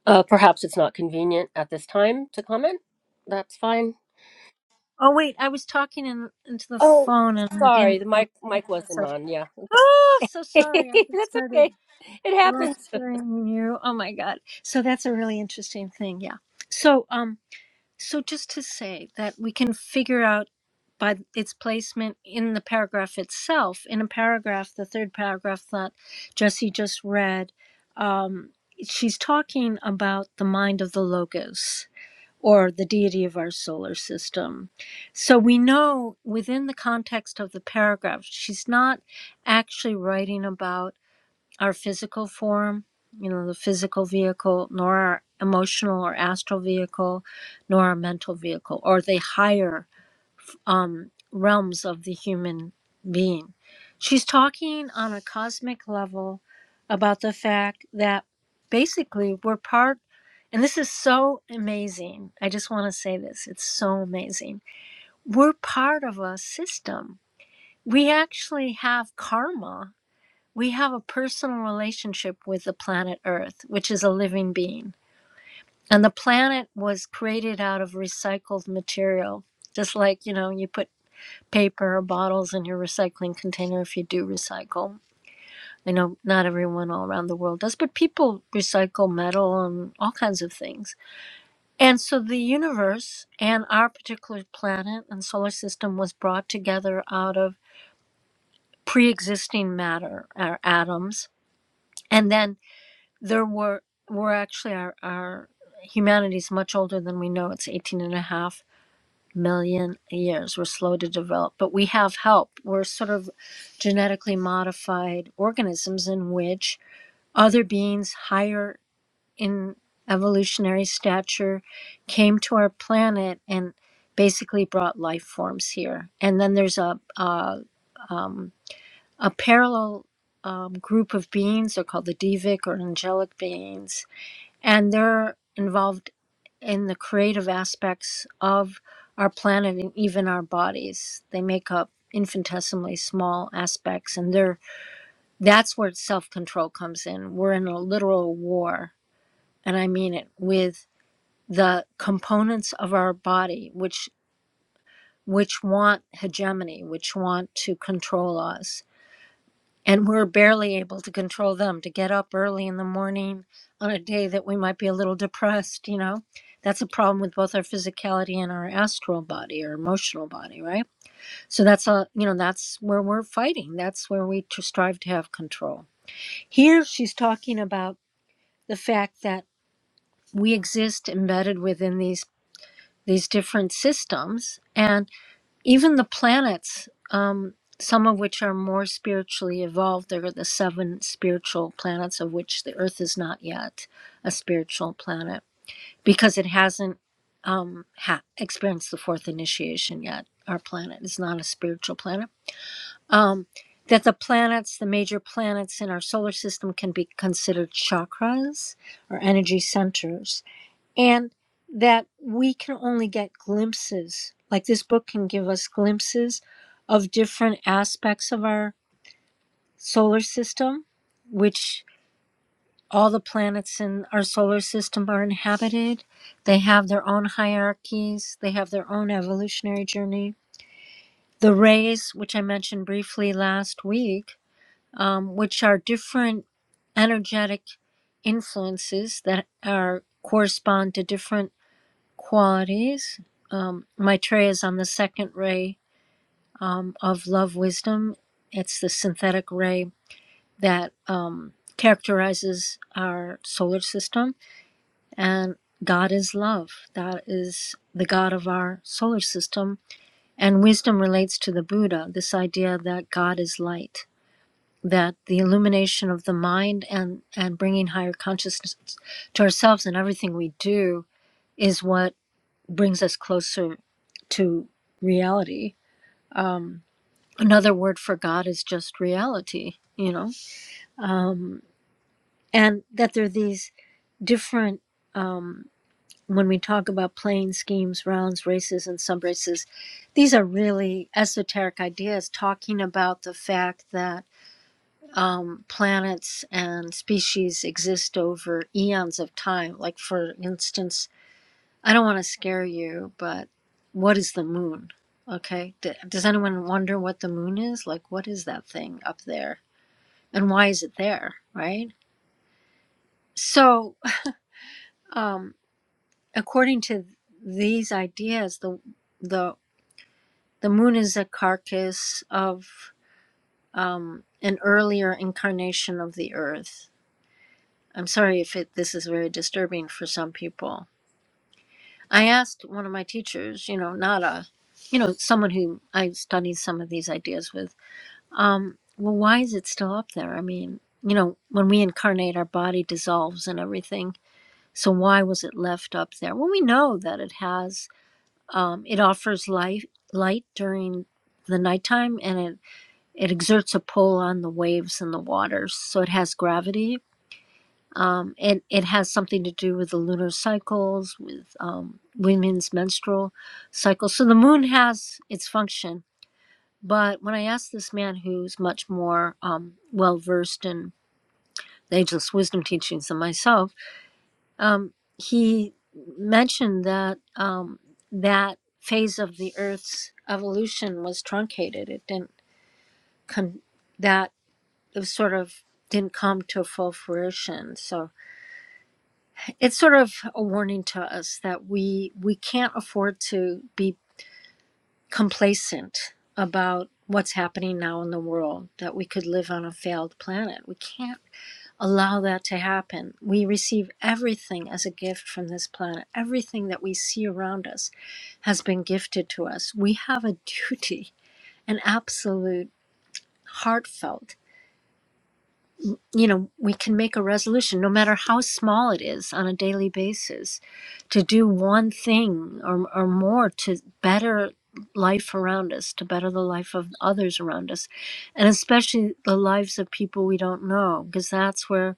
Speaker 1: Uh, perhaps it's not convenient at this time to comment. That's fine.
Speaker 2: Oh, wait, I was talking in, into the
Speaker 1: Oh,
Speaker 2: phone and I
Speaker 1: sorry,
Speaker 2: didn't.
Speaker 1: the mic mic wasn't
Speaker 2: myself.
Speaker 1: on. Yeah,
Speaker 2: Oh, so
Speaker 1: [laughs] that's
Speaker 2: sorry. I got started.
Speaker 1: okay. It happens.
Speaker 2: Lecturing you. Oh my God. So that's a really interesting thing. Yeah. So, um, so just to say that we can figure out by its placement in the paragraph itself, in a paragraph, the third paragraph that Jesse just read, um, she's talking about the mind of the logos or the deity of our solar system. So we know within the context of the paragraph, she's not actually writing about our physical form, you know, the physical vehicle, nor our emotional or astral vehicle, nor our mental vehicle, or the higher um, realms of the human being. She's talking on a cosmic level about the fact that basically we're part, and this is so amazing. I just want to say this it's so amazing. We're part of a system. We actually have karma we have a personal relationship with the planet Earth, which is a living being. And the planet was created out of recycled material, just like, you know, you put paper or bottles in your recycling container if you do recycle. I know not everyone all around the world does, but people recycle metal and all kinds of things. And so the universe and our particular planet and solar system was brought together out of pre existing matter, our atoms. And then there were were actually our, our humanity is much older than we know it's 18 and a half million years we're slow to develop but we have help we're sort of genetically modified organisms in which other beings higher in evolutionary stature came to our planet and basically brought life forms here and then there's a a, um, a parallel um, group of beings they're called the devic or angelic beings and they're involved in the creative aspects of our planet and even our bodies. They make up infinitesimally small aspects, and they're that's where self control comes in. We're in a literal war, and I mean it with the components of our body, which which want hegemony, which want to control us, and we're barely able to control them to get up early in the morning on a day that we might be a little depressed you know that's a problem with both our physicality and our astral body or emotional body right so that's a you know that's where we're fighting that's where we to strive to have control here she's talking about the fact that we exist embedded within these these different systems and even the planets, um, some of which are more spiritually evolved, there are the seven spiritual planets, of which the Earth is not yet a spiritual planet because it hasn't um, ha- experienced the fourth initiation yet. Our planet is not a spiritual planet. Um, that the planets, the major planets in our solar system, can be considered chakras or energy centers and that we can only get glimpses like this book can give us glimpses of different aspects of our solar system which all the planets in our solar system are inhabited they have their own hierarchies they have their own evolutionary journey the rays which i mentioned briefly last week um, which are different energetic influences that are correspond to different qualities. Um, Maitreya is on the second ray um, of love wisdom. It's the synthetic ray that um, characterizes our solar system. And God is love. That is the God of our solar system. And wisdom relates to the Buddha, this idea that God is light, that the illumination of the mind and, and bringing higher consciousness to ourselves and everything we do is what brings us closer to reality. Um, another word for God is just reality, you know, um, and that there are these different. Um, when we talk about playing schemes, rounds, races, and sub races, these are really esoteric ideas talking about the fact that um, planets and species exist over eons of time. Like, for instance, I don't want to scare you, but what is the moon? Okay. D- does anyone wonder what the moon is? Like, what is that thing up there? And why is it there? Right. So, um, according to these ideas, the, the, the moon is a carcass of um, an earlier incarnation of the earth. I'm sorry if it, this is very disturbing for some people. I asked one of my teachers, you know, not a, you know, someone who I studied some of these ideas with Um, well, why is it still up there? I mean, you know, when we incarnate, our body dissolves and everything. So why was it left up there? Well, we know that it has. Um, it offers light, light during the nighttime, and it it exerts a pull on the waves and the waters. So it has gravity. Um, it it has something to do with the lunar cycles, with um, women's menstrual cycles. So the moon has its function but when I asked this man who's much more um, well versed in the ageless wisdom teachings than myself, um, he mentioned that um, that phase of the Earth's evolution was truncated. It didn't come, that it was sort of didn't come to full fruition. So it's sort of a warning to us that we we can't afford to be complacent about what's happening now in the world, that we could live on a failed planet. We can't allow that to happen. We receive everything as a gift from this planet. Everything that we see around us has been gifted to us. We have a [laughs] duty, an absolute, heartfelt you know, we can make a resolution, no matter how small it is, on a daily basis, to do one thing or, or more to better life around us, to better the life of others around us, and especially the lives of people we don't know, because that's where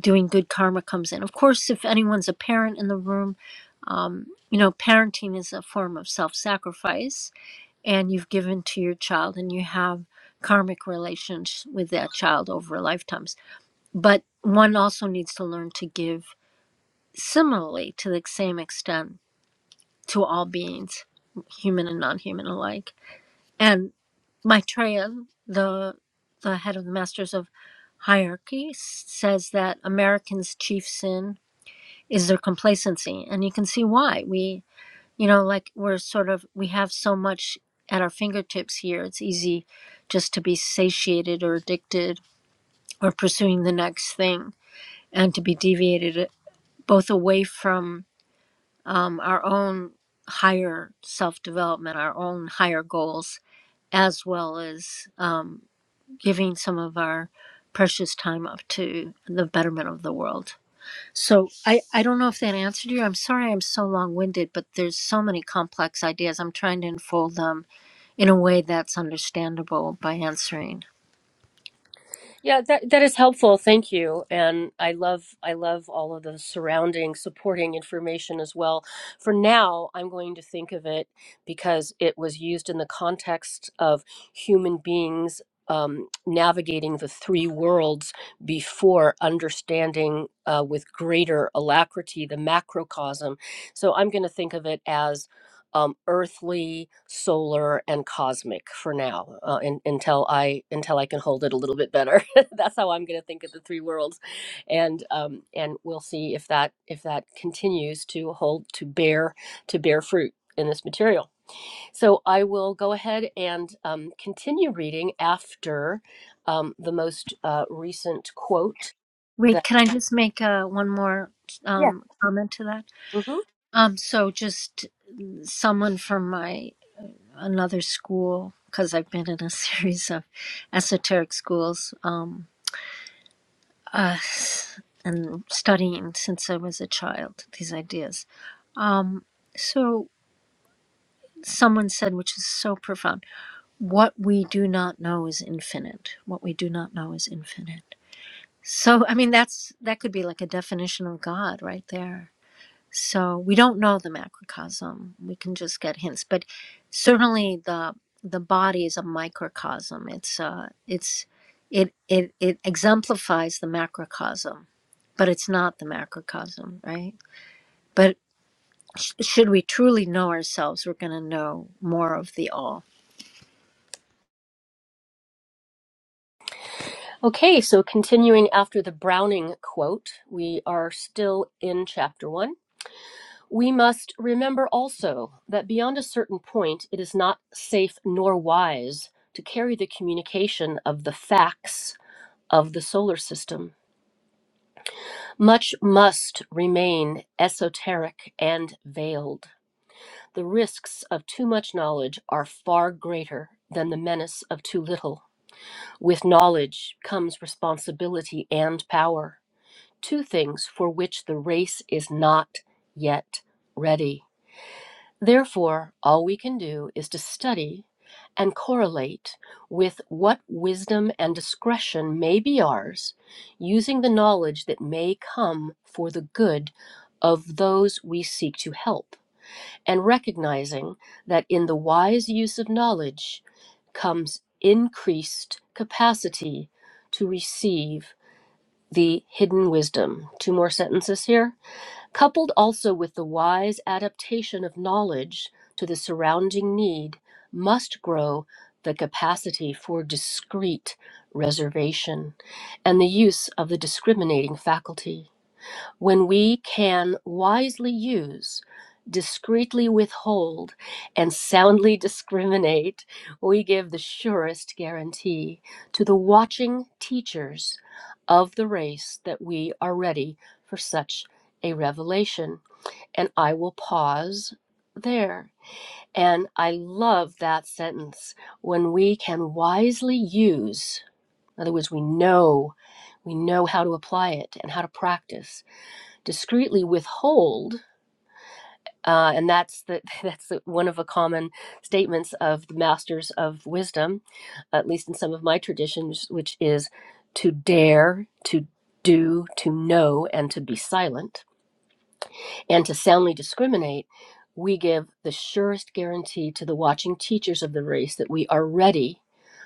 Speaker 2: doing good karma comes in. Of course, if anyone's a parent in the room, um, you know, parenting is a form of self sacrifice, and you've given to your child, and you have karmic relations with that child over lifetimes but one also needs to learn to give similarly to the same extent to all beings human and non-human alike and maitreya the the head of the masters of hierarchy s- says that americans chief sin is their complacency and you can see why we you know like we're sort of we have so much at our fingertips here it's easy just to be satiated or addicted or pursuing the next thing and to be deviated both away from um, our own higher self development, our own higher goals, as well as um, giving some of our precious time up to the betterment of the world. So I, I don't know if that answered you. I'm sorry I'm so long winded, but there's so many complex ideas. I'm trying to unfold them in a way that's understandable by answering.
Speaker 1: Yeah, that that is helpful. Thank you. And I love I love all of the surrounding supporting information as well. For now, I'm going to think of it because it was used in the context of human beings um, navigating the three worlds before understanding uh, with greater alacrity the macrocosm. So I'm going to think of it as um, earthly, solar, and cosmic for now, uh, un until I until I can hold it a little bit better. [laughs] That's how I'm going to think of the three worlds, and um, and we'll see if that if that continues to hold to bear to bear fruit in this material. So I will go ahead and um, continue reading after um, the most uh, recent quote
Speaker 2: Wait,
Speaker 1: that.
Speaker 2: can I just make uh, one more
Speaker 1: Yeah.
Speaker 2: um, comment to that?
Speaker 1: mhm.
Speaker 2: Um, so just someone from my another school because I've been in a [laughs] series of esoteric schools um, uh, and studying since I was a child these ideas. Um, so someone said, which is so profound, what we do not know is infinite. What we do not know is infinite. So I mean that's that could be like a definition of God right there. So we don't know the macrocosm. We can just get hints, but certainly the the body is a microcosm. It's uh, it's it it it exemplifies the macrocosm, but it's not the macrocosm, right? But sh- should we truly know ourselves, we're going to know more of the all.
Speaker 1: Okay, so continuing after the Browning quote, we are still in chapter one. We must remember also that beyond a certain point, it is not safe nor wise to carry the communication of the facts of the solar system. Much must remain esoteric and veiled. The risks of too much knowledge are far greater than the menace of too little. With knowledge comes responsibility and power, two things for which the race is not yet ready. Therefore, all we can do is to study and correlate with what wisdom and discretion may be ours, using the knowledge that may come for the good of those we seek to help, and recognizing that in the wise use of knowledge comes increased capacity to receive the hidden wisdom. Two more sentences here coupled also with the wise adaptation of knowledge to the surrounding need, must grow the capacity for discrete reservation and the use of the discriminating faculty when we can wisely use, discreetly withhold, and soundly discriminate, we give the surest guarantee to the watching teachers of the race that we are ready for such a revelation. And I will pause there. And I love that sentence when we can wisely use, in other words, we know. We know how to apply it and how to practice discreetly withhold uh, and that's the [laughs] that's the, one of the common statements of the masters of wisdom at least in some of my traditions which is to dare to do to know and to be silent and to soundly discriminate, we give the surest guarantee to the watching teachers of the race that we are ready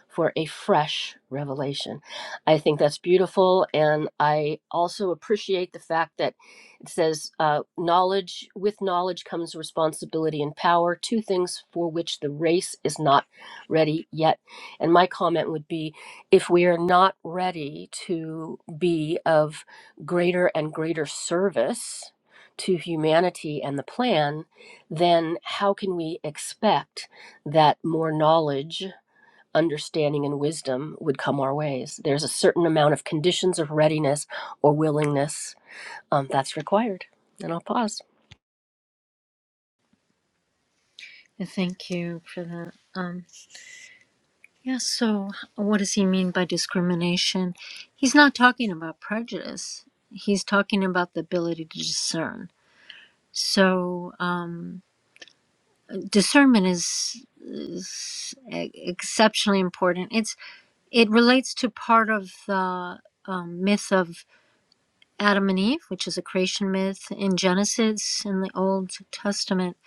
Speaker 1: for a fresh revelation. I think that's beautiful. And I also appreciate the fact that it says, uh, knowledge, with knowledge comes responsibility and power, two things for which the race is not ready yet. And my comment would be if we are not ready to be of greater and greater service, to humanity and the plan, then how can we expect that more knowledge, understanding, and wisdom would come our ways? There's a certain amount of conditions of readiness or willingness um, that's required. And I'll pause.
Speaker 2: And Thank you for that. Um, yeah. So, what does he mean by discrimination? He's not talking about prejudice. He's talking about the ability to discern So um, discernment is, is e- exceptionally important. It's it relates to part of the um, myth of Adam and Eve, which is a creation myth in Genesis in the Old Testament.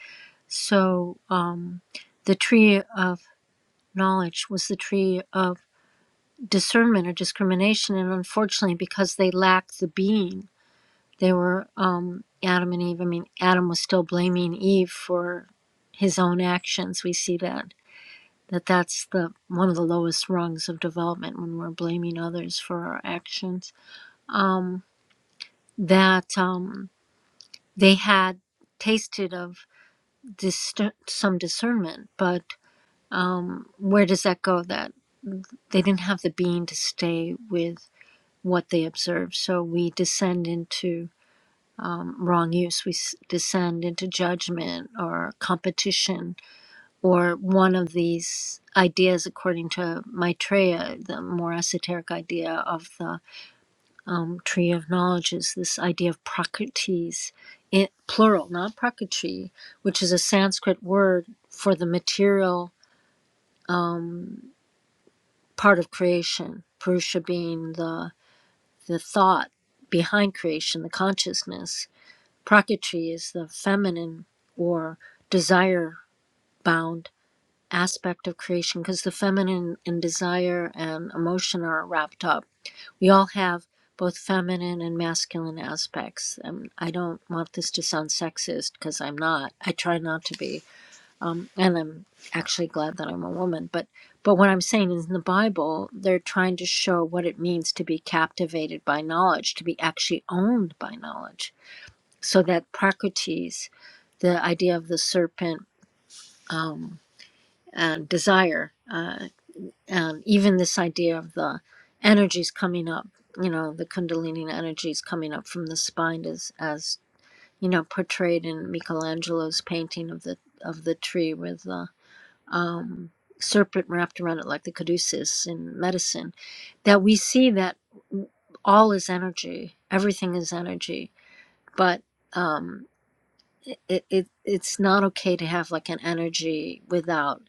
Speaker 2: So um, the tree of knowledge was the tree of discernment or discrimination, and unfortunately, because they lack the being They were um, Adam and Eve. I mean, Adam was still blaming Eve for his own actions. We see that that that's the one of the lowest rungs of development when we're blaming others for our actions. Um, that um, they had tasted of dis- some discernment, but um, where does that go? That they didn't have the being to stay with what they observed. So we descend into um, wrong use, we s- descend into judgment or competition or one of these ideas, according to Maitreya, the more esoteric idea of the um, tree of knowledge, is this idea of prakritis, it, plural, not prakritri, which is a Sanskrit word for the material part of creation, Purusha being the, the thought behind creation, the consciousness. Prakriti is the feminine or desire bound aspect of creation because the feminine and desire and emotion are wrapped up. We all have both feminine and masculine aspects. And I don't want this to sound sexist because I'm not. I try not to be. Um, and I'm actually glad that I'm a woman. But but what I'm saying is in the Bible, they're trying to show what it means to be captivated by knowledge, to be actually owned by knowledge. So that Prakrtis, the idea of the serpent, um and desire, uh, and even this idea of the energies coming up, you know, the Kundalini energies coming up from the spine, is as you know portrayed in Michelangelo's painting of the of the tree with the um, serpent wrapped around it like the caduceus in medicine, that we see that all is energy, everything is energy, but um, it, it it's not okay to have like an energy without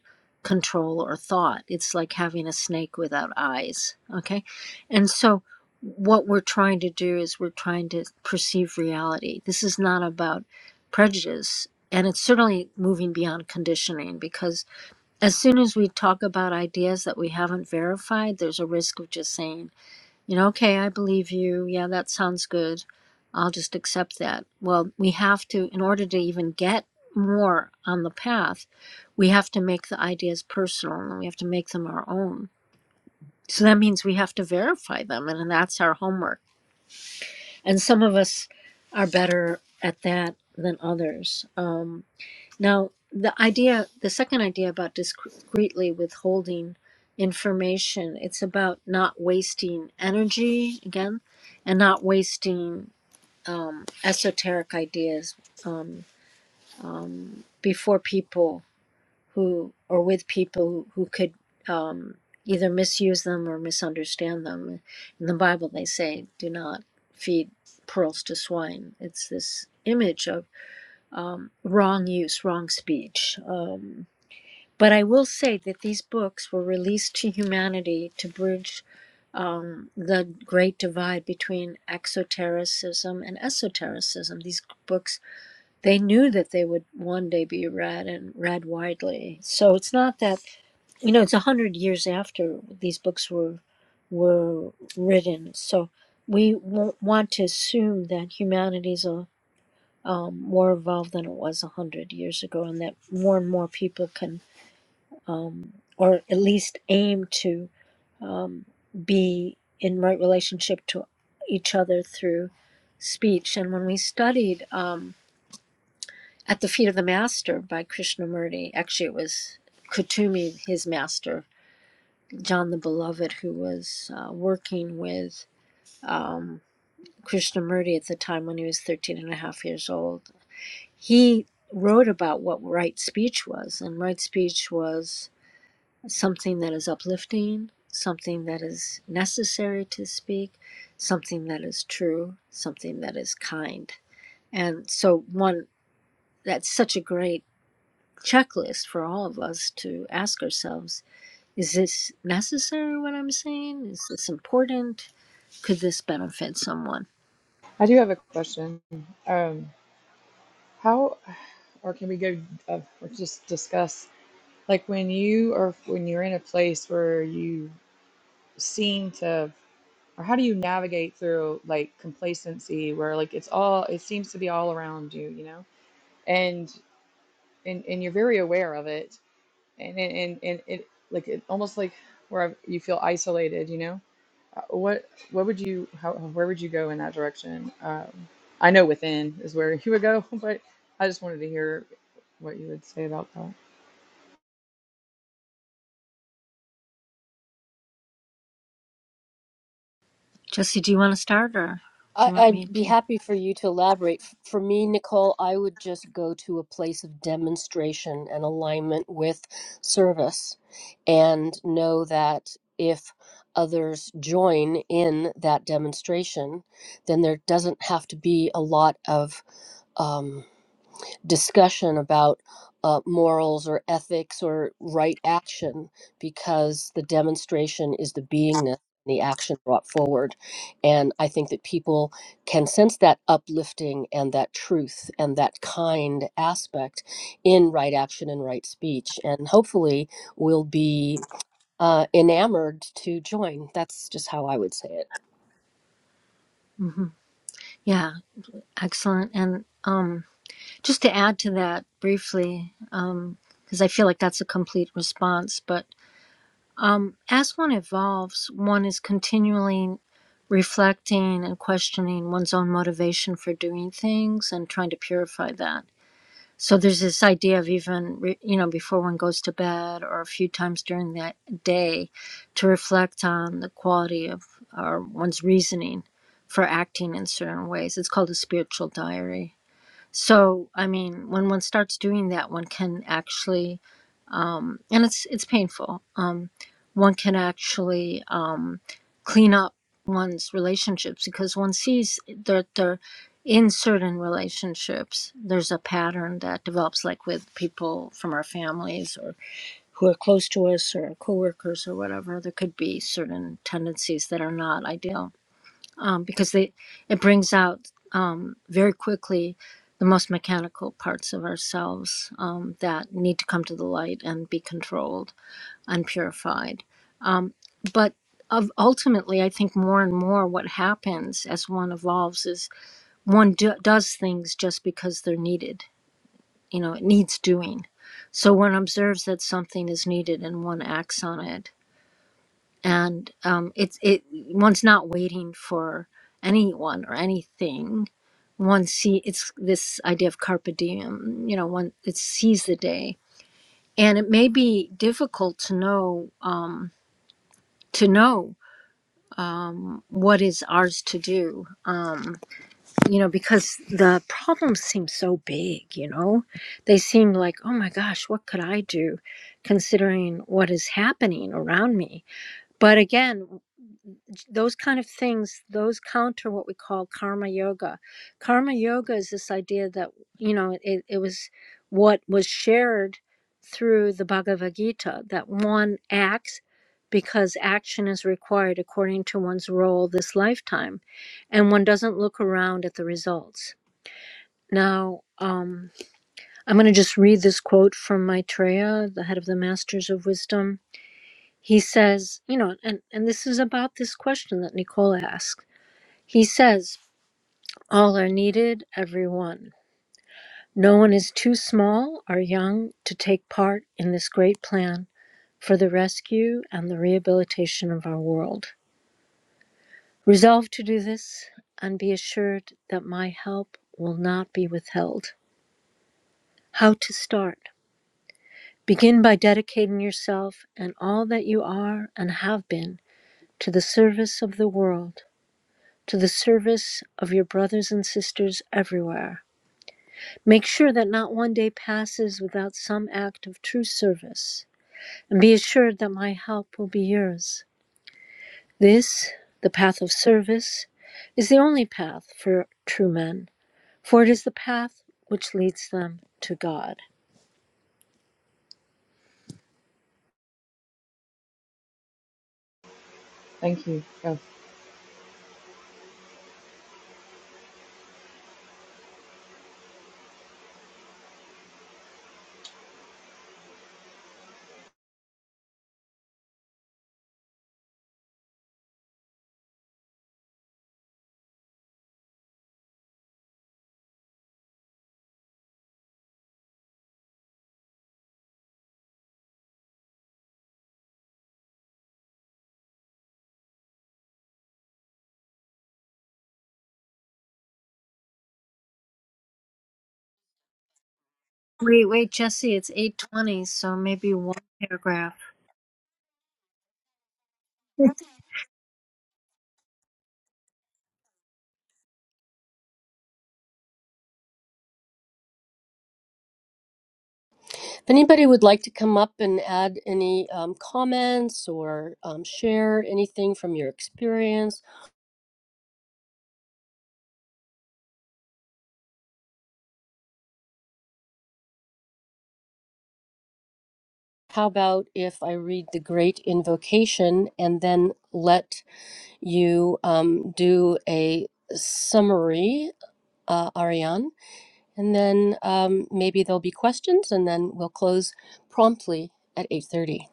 Speaker 2: control or thought it's like having a snake without eyes okay and so what we're trying to do is we're trying to perceive reality this is not about prejudice and it's certainly moving beyond conditioning because as soon as we talk about ideas that we haven't verified there's a risk of just saying you know, okay, I believe you. Yeah, that sounds good. I'll just accept that. Well, we have to, in order to even get more on the path, we have to make the ideas personal and we have to make them our own. So that means we have to verify them, and that's our homework. And some of us are better at that than others. Um, now, the idea, the second idea about discreetly withholding information, it's about not wasting energy again, and not wasting um, esoteric ideas um, um, before people who, or with people who, who could um, either misuse them or misunderstand them. In the Bible, they say, "Do not feed pearls to swine." It's this image of um, wrong use, wrong speech. Um, but I will say that these books were released to humanity to bridge um, the great divide between exotericism and esotericism. These books, they knew that they would one day be read and read widely. So it's not that you know it's a hundred years after these books were were written. So we won't want to assume that humanity's a um, more evolved than it was a hundred years ago, and that more and more people can um, or at least aim to um, be in right relationship to each other through speech. And when we studied um, At the Feet of the Master by Krishnamurti, actually, it was Kutumi, his master, John the Beloved, who was uh, working with um, Krishnamurti at the time when he was 13 and a half years old. He wrote about what right speech was, and right speech was. something that is uplifting, something that is necessary to speak, something that is true, something that is kind. And so, one that's such a great checklist for all of us to ask ourselves is this necessary what I'm saying? Is this important? Could this benefit someone?
Speaker 3: I do have a question. Um, how, or can we go, uh, or just discuss, like when you are when you're in a place where you seem to, or how do you navigate through like complacency, where like it's all it seems to be all around you, you know? and and and you're very aware of it and and and, it like it almost like where I've- you feel isolated you know Uh, what what would you how where would you go in that direction um, I know within is where [laughs] you would go [laughs] but I just wanted to hear what you would say about that
Speaker 2: Jesse, do you want to start or
Speaker 1: I,
Speaker 2: do you want
Speaker 1: I'd
Speaker 2: me
Speaker 1: be
Speaker 2: to?
Speaker 1: happy for you to elaborate. F- For me, Nicole, I would just go to a place of demonstration and alignment with service and know that if others join in that demonstration, then there doesn't have to be a lot of. Um, discussion about uh, morals or ethics or right action because the demonstration is the beingness the action brought forward and i think that people can sense that uplifting and that truth and that kind aspect in right action and right speech and hopefully will be uh, enamored to join that's just how i would say it
Speaker 2: hmm Yeah, excellent. And um, Just to add to that briefly, um, because I feel like that's a complete response, but um, as one evolves, one is continually reflecting and questioning one's own motivation for doing things and trying to purify that. So there's this idea of even, re- you know, before one goes to bed or a few times during that day to reflect on the quality of or one's reasoning for acting in certain ways. It's called a spiritual diary so, I mean, when one starts doing that, one can actually, um, and it's it's painful. Um, one can actually um, clean up one's relationships because one sees that they're in certain relationships. There's a pattern that develops, like with people from our families or who are close to us or our coworkers or whatever. There could be certain tendencies that are not ideal um, because they it brings out um, very quickly the most mechanical parts of ourselves um, that need to come to the light and be controlled and purified. Um, but of ultimately, I think more and more what happens as one evolves is one do, does things just because they're needed. You know, it needs doing. So one observes that something is needed and one acts on it and um, it's it one's not waiting for anyone or anything. One see it's this idea of carpe diem. You know, one it sees the day, and it may be difficult to know um, to know um, what is ours to do. Um, you know, because the problems seem so big. You know, they seem like oh my gosh, what could I do, considering what is happening around me? But again. those kind of things those counter what we call karma yoga karma yoga is this idea that you know it, it was what was shared through the bhagavad gita that one acts because action is required according to one's role this lifetime and one doesn't look around at the results now um, i'm going to just read this quote from maitreya the head of the masters of wisdom he says you know and, and this is about this question that Nicole asked he says, All are needed, every one. No one is too small or young to take part in this great plan for the rescue and the rehabilitation of our world. Resolve to do this and be assured that my help will not be withheld. How to start? Begin by dedicating yourself and all that you are and have been to the service of the world, to the service of your brothers and sisters everywhere. Make sure that not one day passes without some act of true service, and be assured that my help will be yours. This, the path of service, is the only path for true men, for it is the path which leads them to God.
Speaker 3: thank you
Speaker 2: Wait, wait, Jesse, it's 8:20, so maybe one paragraph. [laughs]
Speaker 1: If anybody would like to come up and add any um, comments or um, share anything from your experience, how about if I read the Great Invocation and then let you um, do a summary, uh, Ariane? And then um, maybe there'll be questions, and then we'll close promptly at 8:30.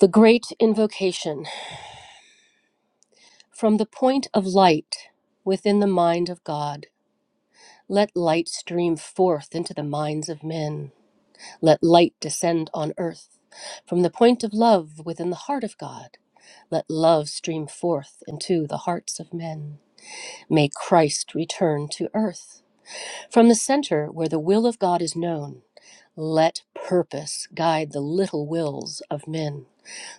Speaker 1: The Great Invocation from the point of light within the mind of God. Let light stream forth into the minds of men. Let light descend on earth. From the point of love within the heart of God, let love stream forth into the hearts of men. May Christ return to earth. From the center where the will of God is known, let purpose guide the little wills of men,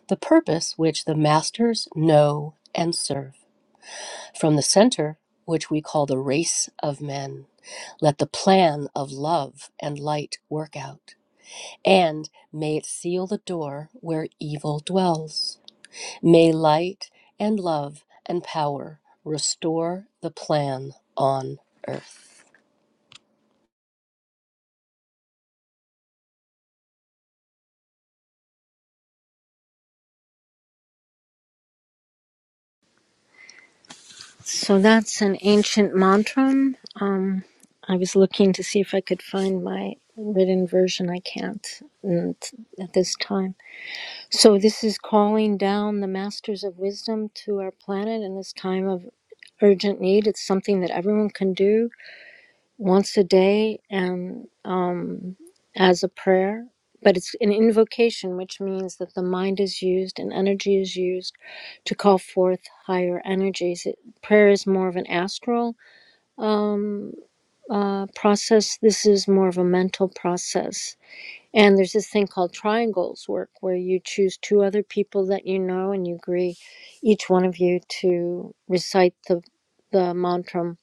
Speaker 1: the purpose which the masters know and serve. From the center, which we call the race of men, let the plan of love and light work out, and may it seal the door where evil dwells. May light and love and power restore the plan on earth.
Speaker 2: So that's an ancient mantra. Um, I was looking to see if I could find my written version. I can't mm, at this time. So, this is calling down the masters of wisdom to our planet in this time of urgent need. It's something that everyone can do once a day and um, as a prayer. But it's an invocation, which means that the mind is used and energy is used to call forth higher energies. It, prayer is more of an astral um, uh, process, this is more of a mental process and there's this thing called triangles work where you choose two other people that you know and you agree each one of you to recite the the mantram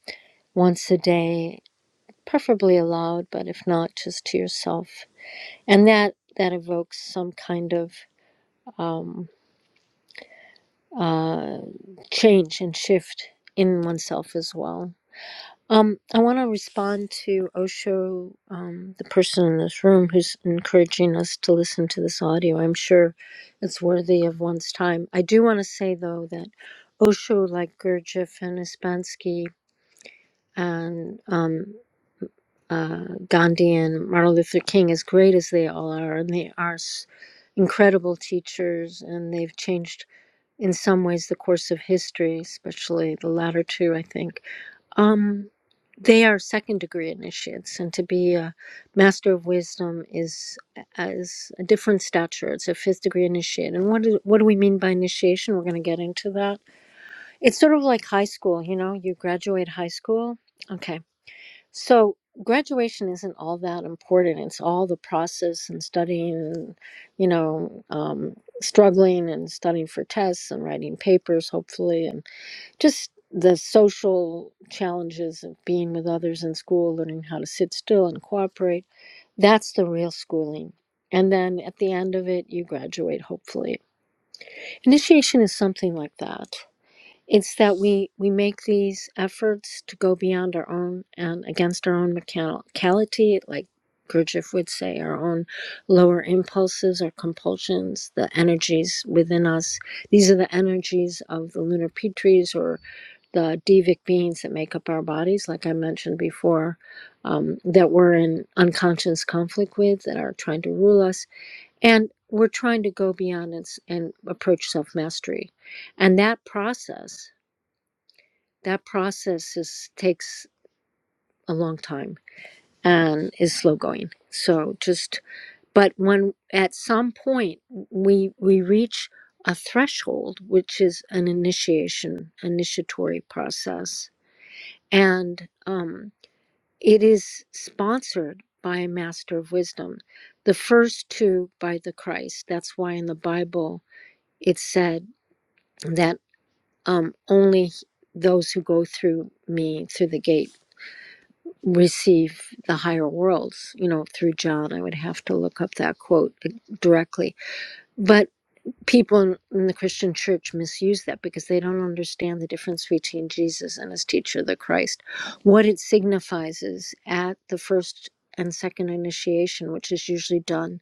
Speaker 2: once a day, preferably aloud, but if not just to yourself. And that that evokes some kind of um, uh, change and shift in oneself as well. Um, I want to respond to Osho, um, the person in this room who's encouraging us to listen to this audio. I'm sure it's worthy of one's time. I do want to say, though, that Osho, like Gurdjieff and Ispansky and um, uh, Gandhi and Martin Luther King, as great as they all are, and they are s- incredible teachers, and they've changed in some ways the course of history, especially the latter two, I think um, they are second degree initiates, and to be a master of wisdom is as a different stature. It's a fifth degree initiate. And what do, what do we mean by initiation? We're going to get into that. It's sort of like high school. You know, you graduate high school. Okay, so graduation isn't all that important. It's all the process and studying, and, you know, um, struggling and studying for tests and writing papers, hopefully, and just the social challenges of being with others in school, learning how to sit still and cooperate. That's the real schooling. And then at the end of it, you graduate, hopefully. Initiation is something like that. It's that we, we make these efforts to go beyond our own and against our own mechanicality, like Gurdjieff would say, our own lower impulses our compulsions, the energies within us. These are the energies of the lunar petries or the devic beings that make up our bodies, like I mentioned before, um, that we're in unconscious conflict with, that are trying to rule us. And we're trying to go beyond and, and approach self mastery. And that process that process is takes a long time and is slow going so just but when at some point we we reach a threshold which is an initiation initiatory process and um, it is sponsored by a master of wisdom the first two by the christ that's why in the bible it said that um, only those who go through me through the gate receive the higher worlds, you know, through John. I would have to look up that quote like, directly. But people in, in the Christian church misuse that because they don't understand the difference between Jesus and his teacher, the Christ. What it signifies is at the first and second initiation, which is usually done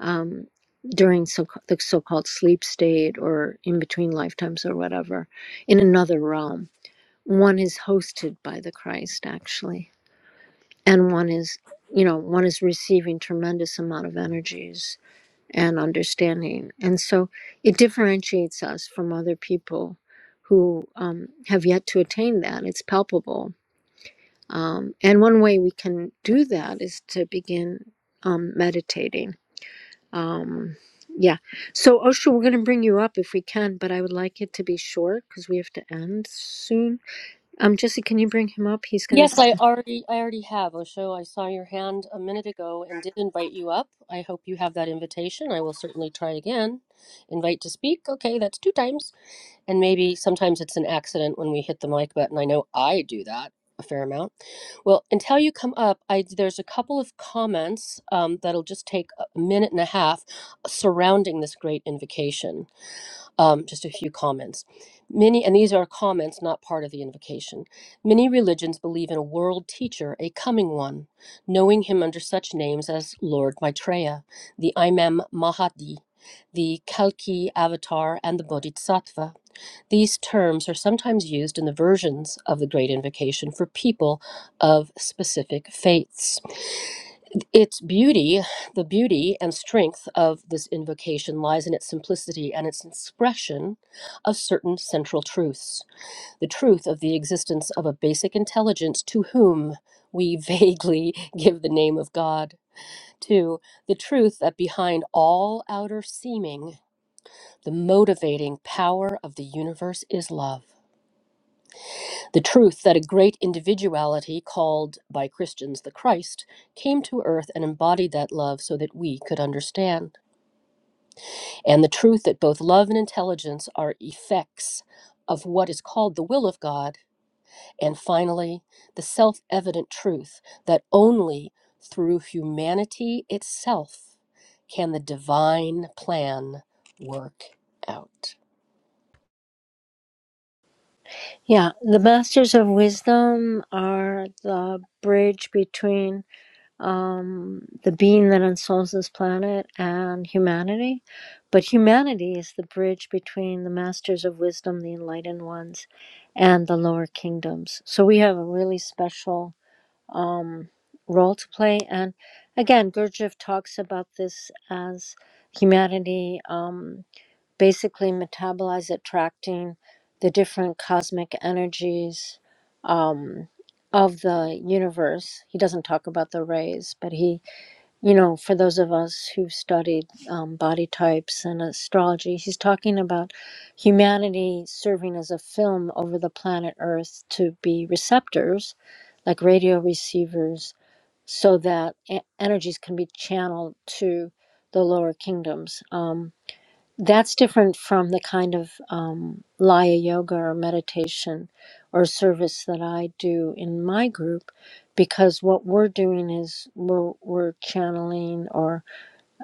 Speaker 2: um, during so, the so called sleep state or in between lifetimes or whatever, in another realm. One is hosted by the Christ, actually and one is you know one is receiving tremendous amount of energies and understanding and so it differentiates us from other people who um, have yet to attain that it's palpable um, and one way we can do that is to begin um, meditating um, yeah so osho we're going to bring you up if we can but i would like it to be short because we have to end soon um, jesse can you bring him up he's got
Speaker 1: Yes,
Speaker 2: his
Speaker 1: I already I already have, Osho. I saw your hand a minute ago and did invite you up. I hope you have that invitation. I will certainly try again. Invite to speak. Okay, that's two times. And maybe sometimes it's an accident when we hit the mic button. I know I do that a fair amount. Well, until you come up, I, there's a couple of comments um, that'll just take a minute and a half surrounding this great invocation. Um, just a few comments. Many, and these are comments, not part of the invocation. Many religions believe in a world teacher, a coming one, knowing him under such names as Lord Maitreya, the Imam Mahdi, the Kalki avatar, and the Bodhisattva. These terms are sometimes used in the versions of the Great Invocation for people of specific faiths. Its beauty, the beauty and strength of this invocation lies in its simplicity and its expression of certain central truths. The truth of the existence of a basic intelligence to whom we vaguely [laughs] give the name of God. Two, the truth that behind all outer seeming, the motivating power of the universe is love. The truth that a great individuality, called by Christians the Christ, came to earth and embodied that love so that we could understand. And the truth that both love and intelligence are effects of what is called the will of God. And finally, the self evident truth that only through humanity itself can the divine plan work out.
Speaker 2: Yeah, the masters of wisdom are the bridge between um, the being that ensouls this planet and humanity. But humanity is the bridge between the masters of wisdom, the enlightened ones, and the lower kingdoms. So we have a really special um, role to play. And again, Gurdjieff talks about this as humanity. Um, basically metabolize attracting the different cosmic energies um, of the universe he doesn't talk about the rays but he you know for those of us who've studied um, body types and astrology he's talking about humanity serving as a film over the planet earth to be receptors like radio receivers so that e- energies can be channeled to the lower kingdoms um, that's different from the kind of um, laya yoga or meditation or service that I do in my group, because what we're doing is we're, we're channeling or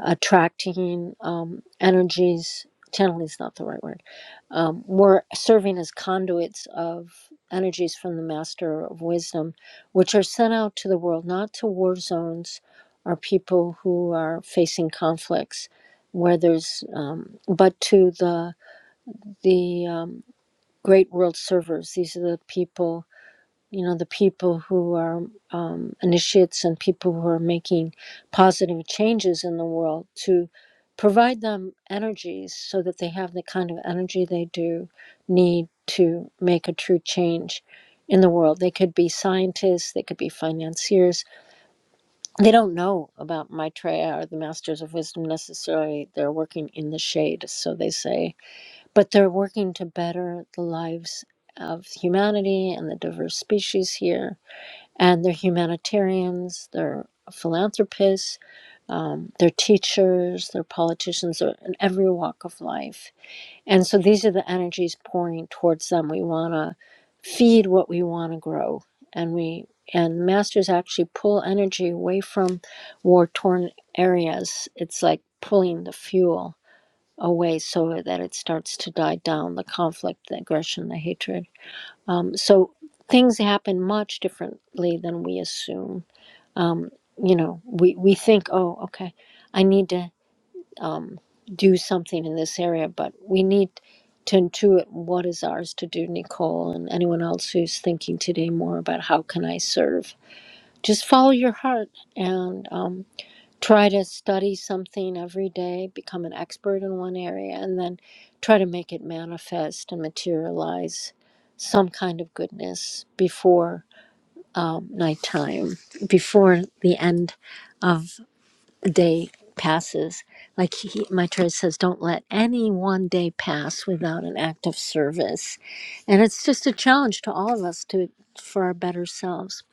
Speaker 2: attracting um, energies. Channeling is not the right word. Um, we're serving as conduits of energies from the Master of Wisdom, which are sent out to the world, not to war zones or people who are facing conflicts, where there's, um, but to the the um, great world servers. These are the people you know the people who are um, initiates and people who are making positive changes in the world to provide them energies so that they have the kind of energy they do need to make a true change in the world they could be scientists they could be financiers they don't know about maitreya or the masters of wisdom necessarily they're working in the shade so they say but they're working to better the lives of humanity and the diverse species here and they're humanitarians, they're philanthropists, um, they're teachers, they're politicians, they're in every walk of life. And so these are the energies pouring towards them. We want to feed what we want to grow, and we and masters actually pull energy away from war torn areas. It's like pulling the fuel away so that it starts to die down the conflict, the aggression, the hatred. Um, so things happen much differently than we assume. Um, you know, we, we think, oh, okay, I need to um, do something in this area, but we need to intuit what is ours to do, Nicole, and anyone else who's thinking today more about how can I serve. Just follow your heart and um, try to study something every day, become an expert in one area, and then try to make it manifest and materialize some kind of goodness before um, nighttime, before the end of the day passes. Like he, my says, don't let any one day pass without an act of service. And it's just a challenge to all of us to for our better selves.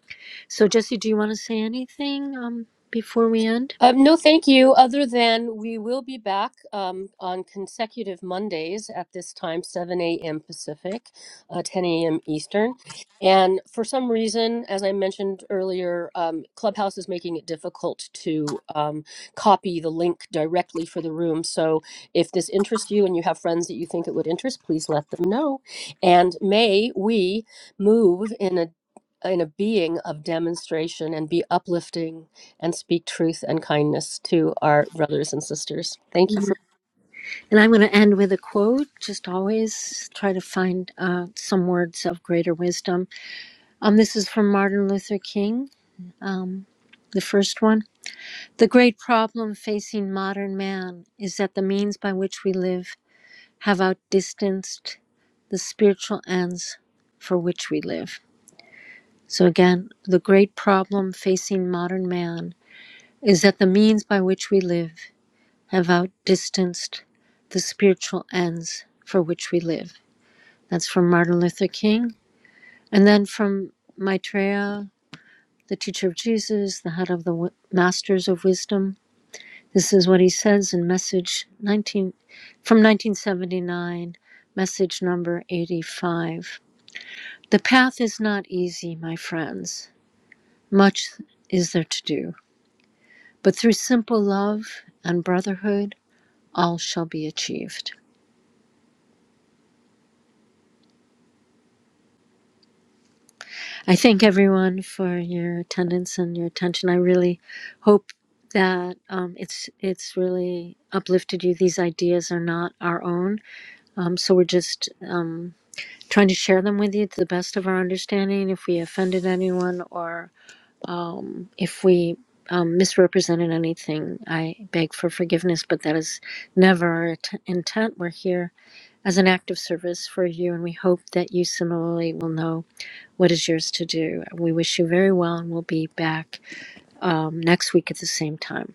Speaker 2: So, Jesse, do you want to say anything um, before we end?
Speaker 1: Um, no, thank you. Other than we will be back um, on consecutive Mondays at this time, 7 a.m. Pacific, uh, 10 a.m. Eastern. And for some reason, as I mentioned earlier, um, Clubhouse is making it difficult to um, copy the link directly for the room. So if this interests you and you have friends that you think it would interest, please let them know. And may we move in a in a being of demonstration and be uplifting and speak truth and kindness to our brothers and sisters. Thank you. for.
Speaker 2: And I'm going to end with a quote. Just always try to find uh, some words of greater wisdom. Um, this is from Martin Luther King, um, the first one. The great problem facing modern man is that the means by which we live have outdistanced the spiritual ends for which we live. So, again, the great problem facing modern man is that the means by which we live have outdistanced the spiritual ends for which we live. That's from Martin Luther King. And then from Maitreya, the teacher of Jesus, the head of the w- masters of wisdom. This is what he says in message 19 from 1979, message number 85. The path is not easy, my friends. Much is there to do, but through simple love and brotherhood, all shall be achieved. I thank everyone for your attendance and your attention. I really hope that um, it's it's really uplifted you. These ideas are not our own, um, so we're just um, trying to share them with you to the best of our understanding. If we offended anyone or um, if we um, misrepresented anything, I beg for forgiveness. But that is never our t- intent. We're here as an act of service for you, and we hope that you similarly will know what is yours to do. We wish you very well, and we'll be back um, next week at the same time.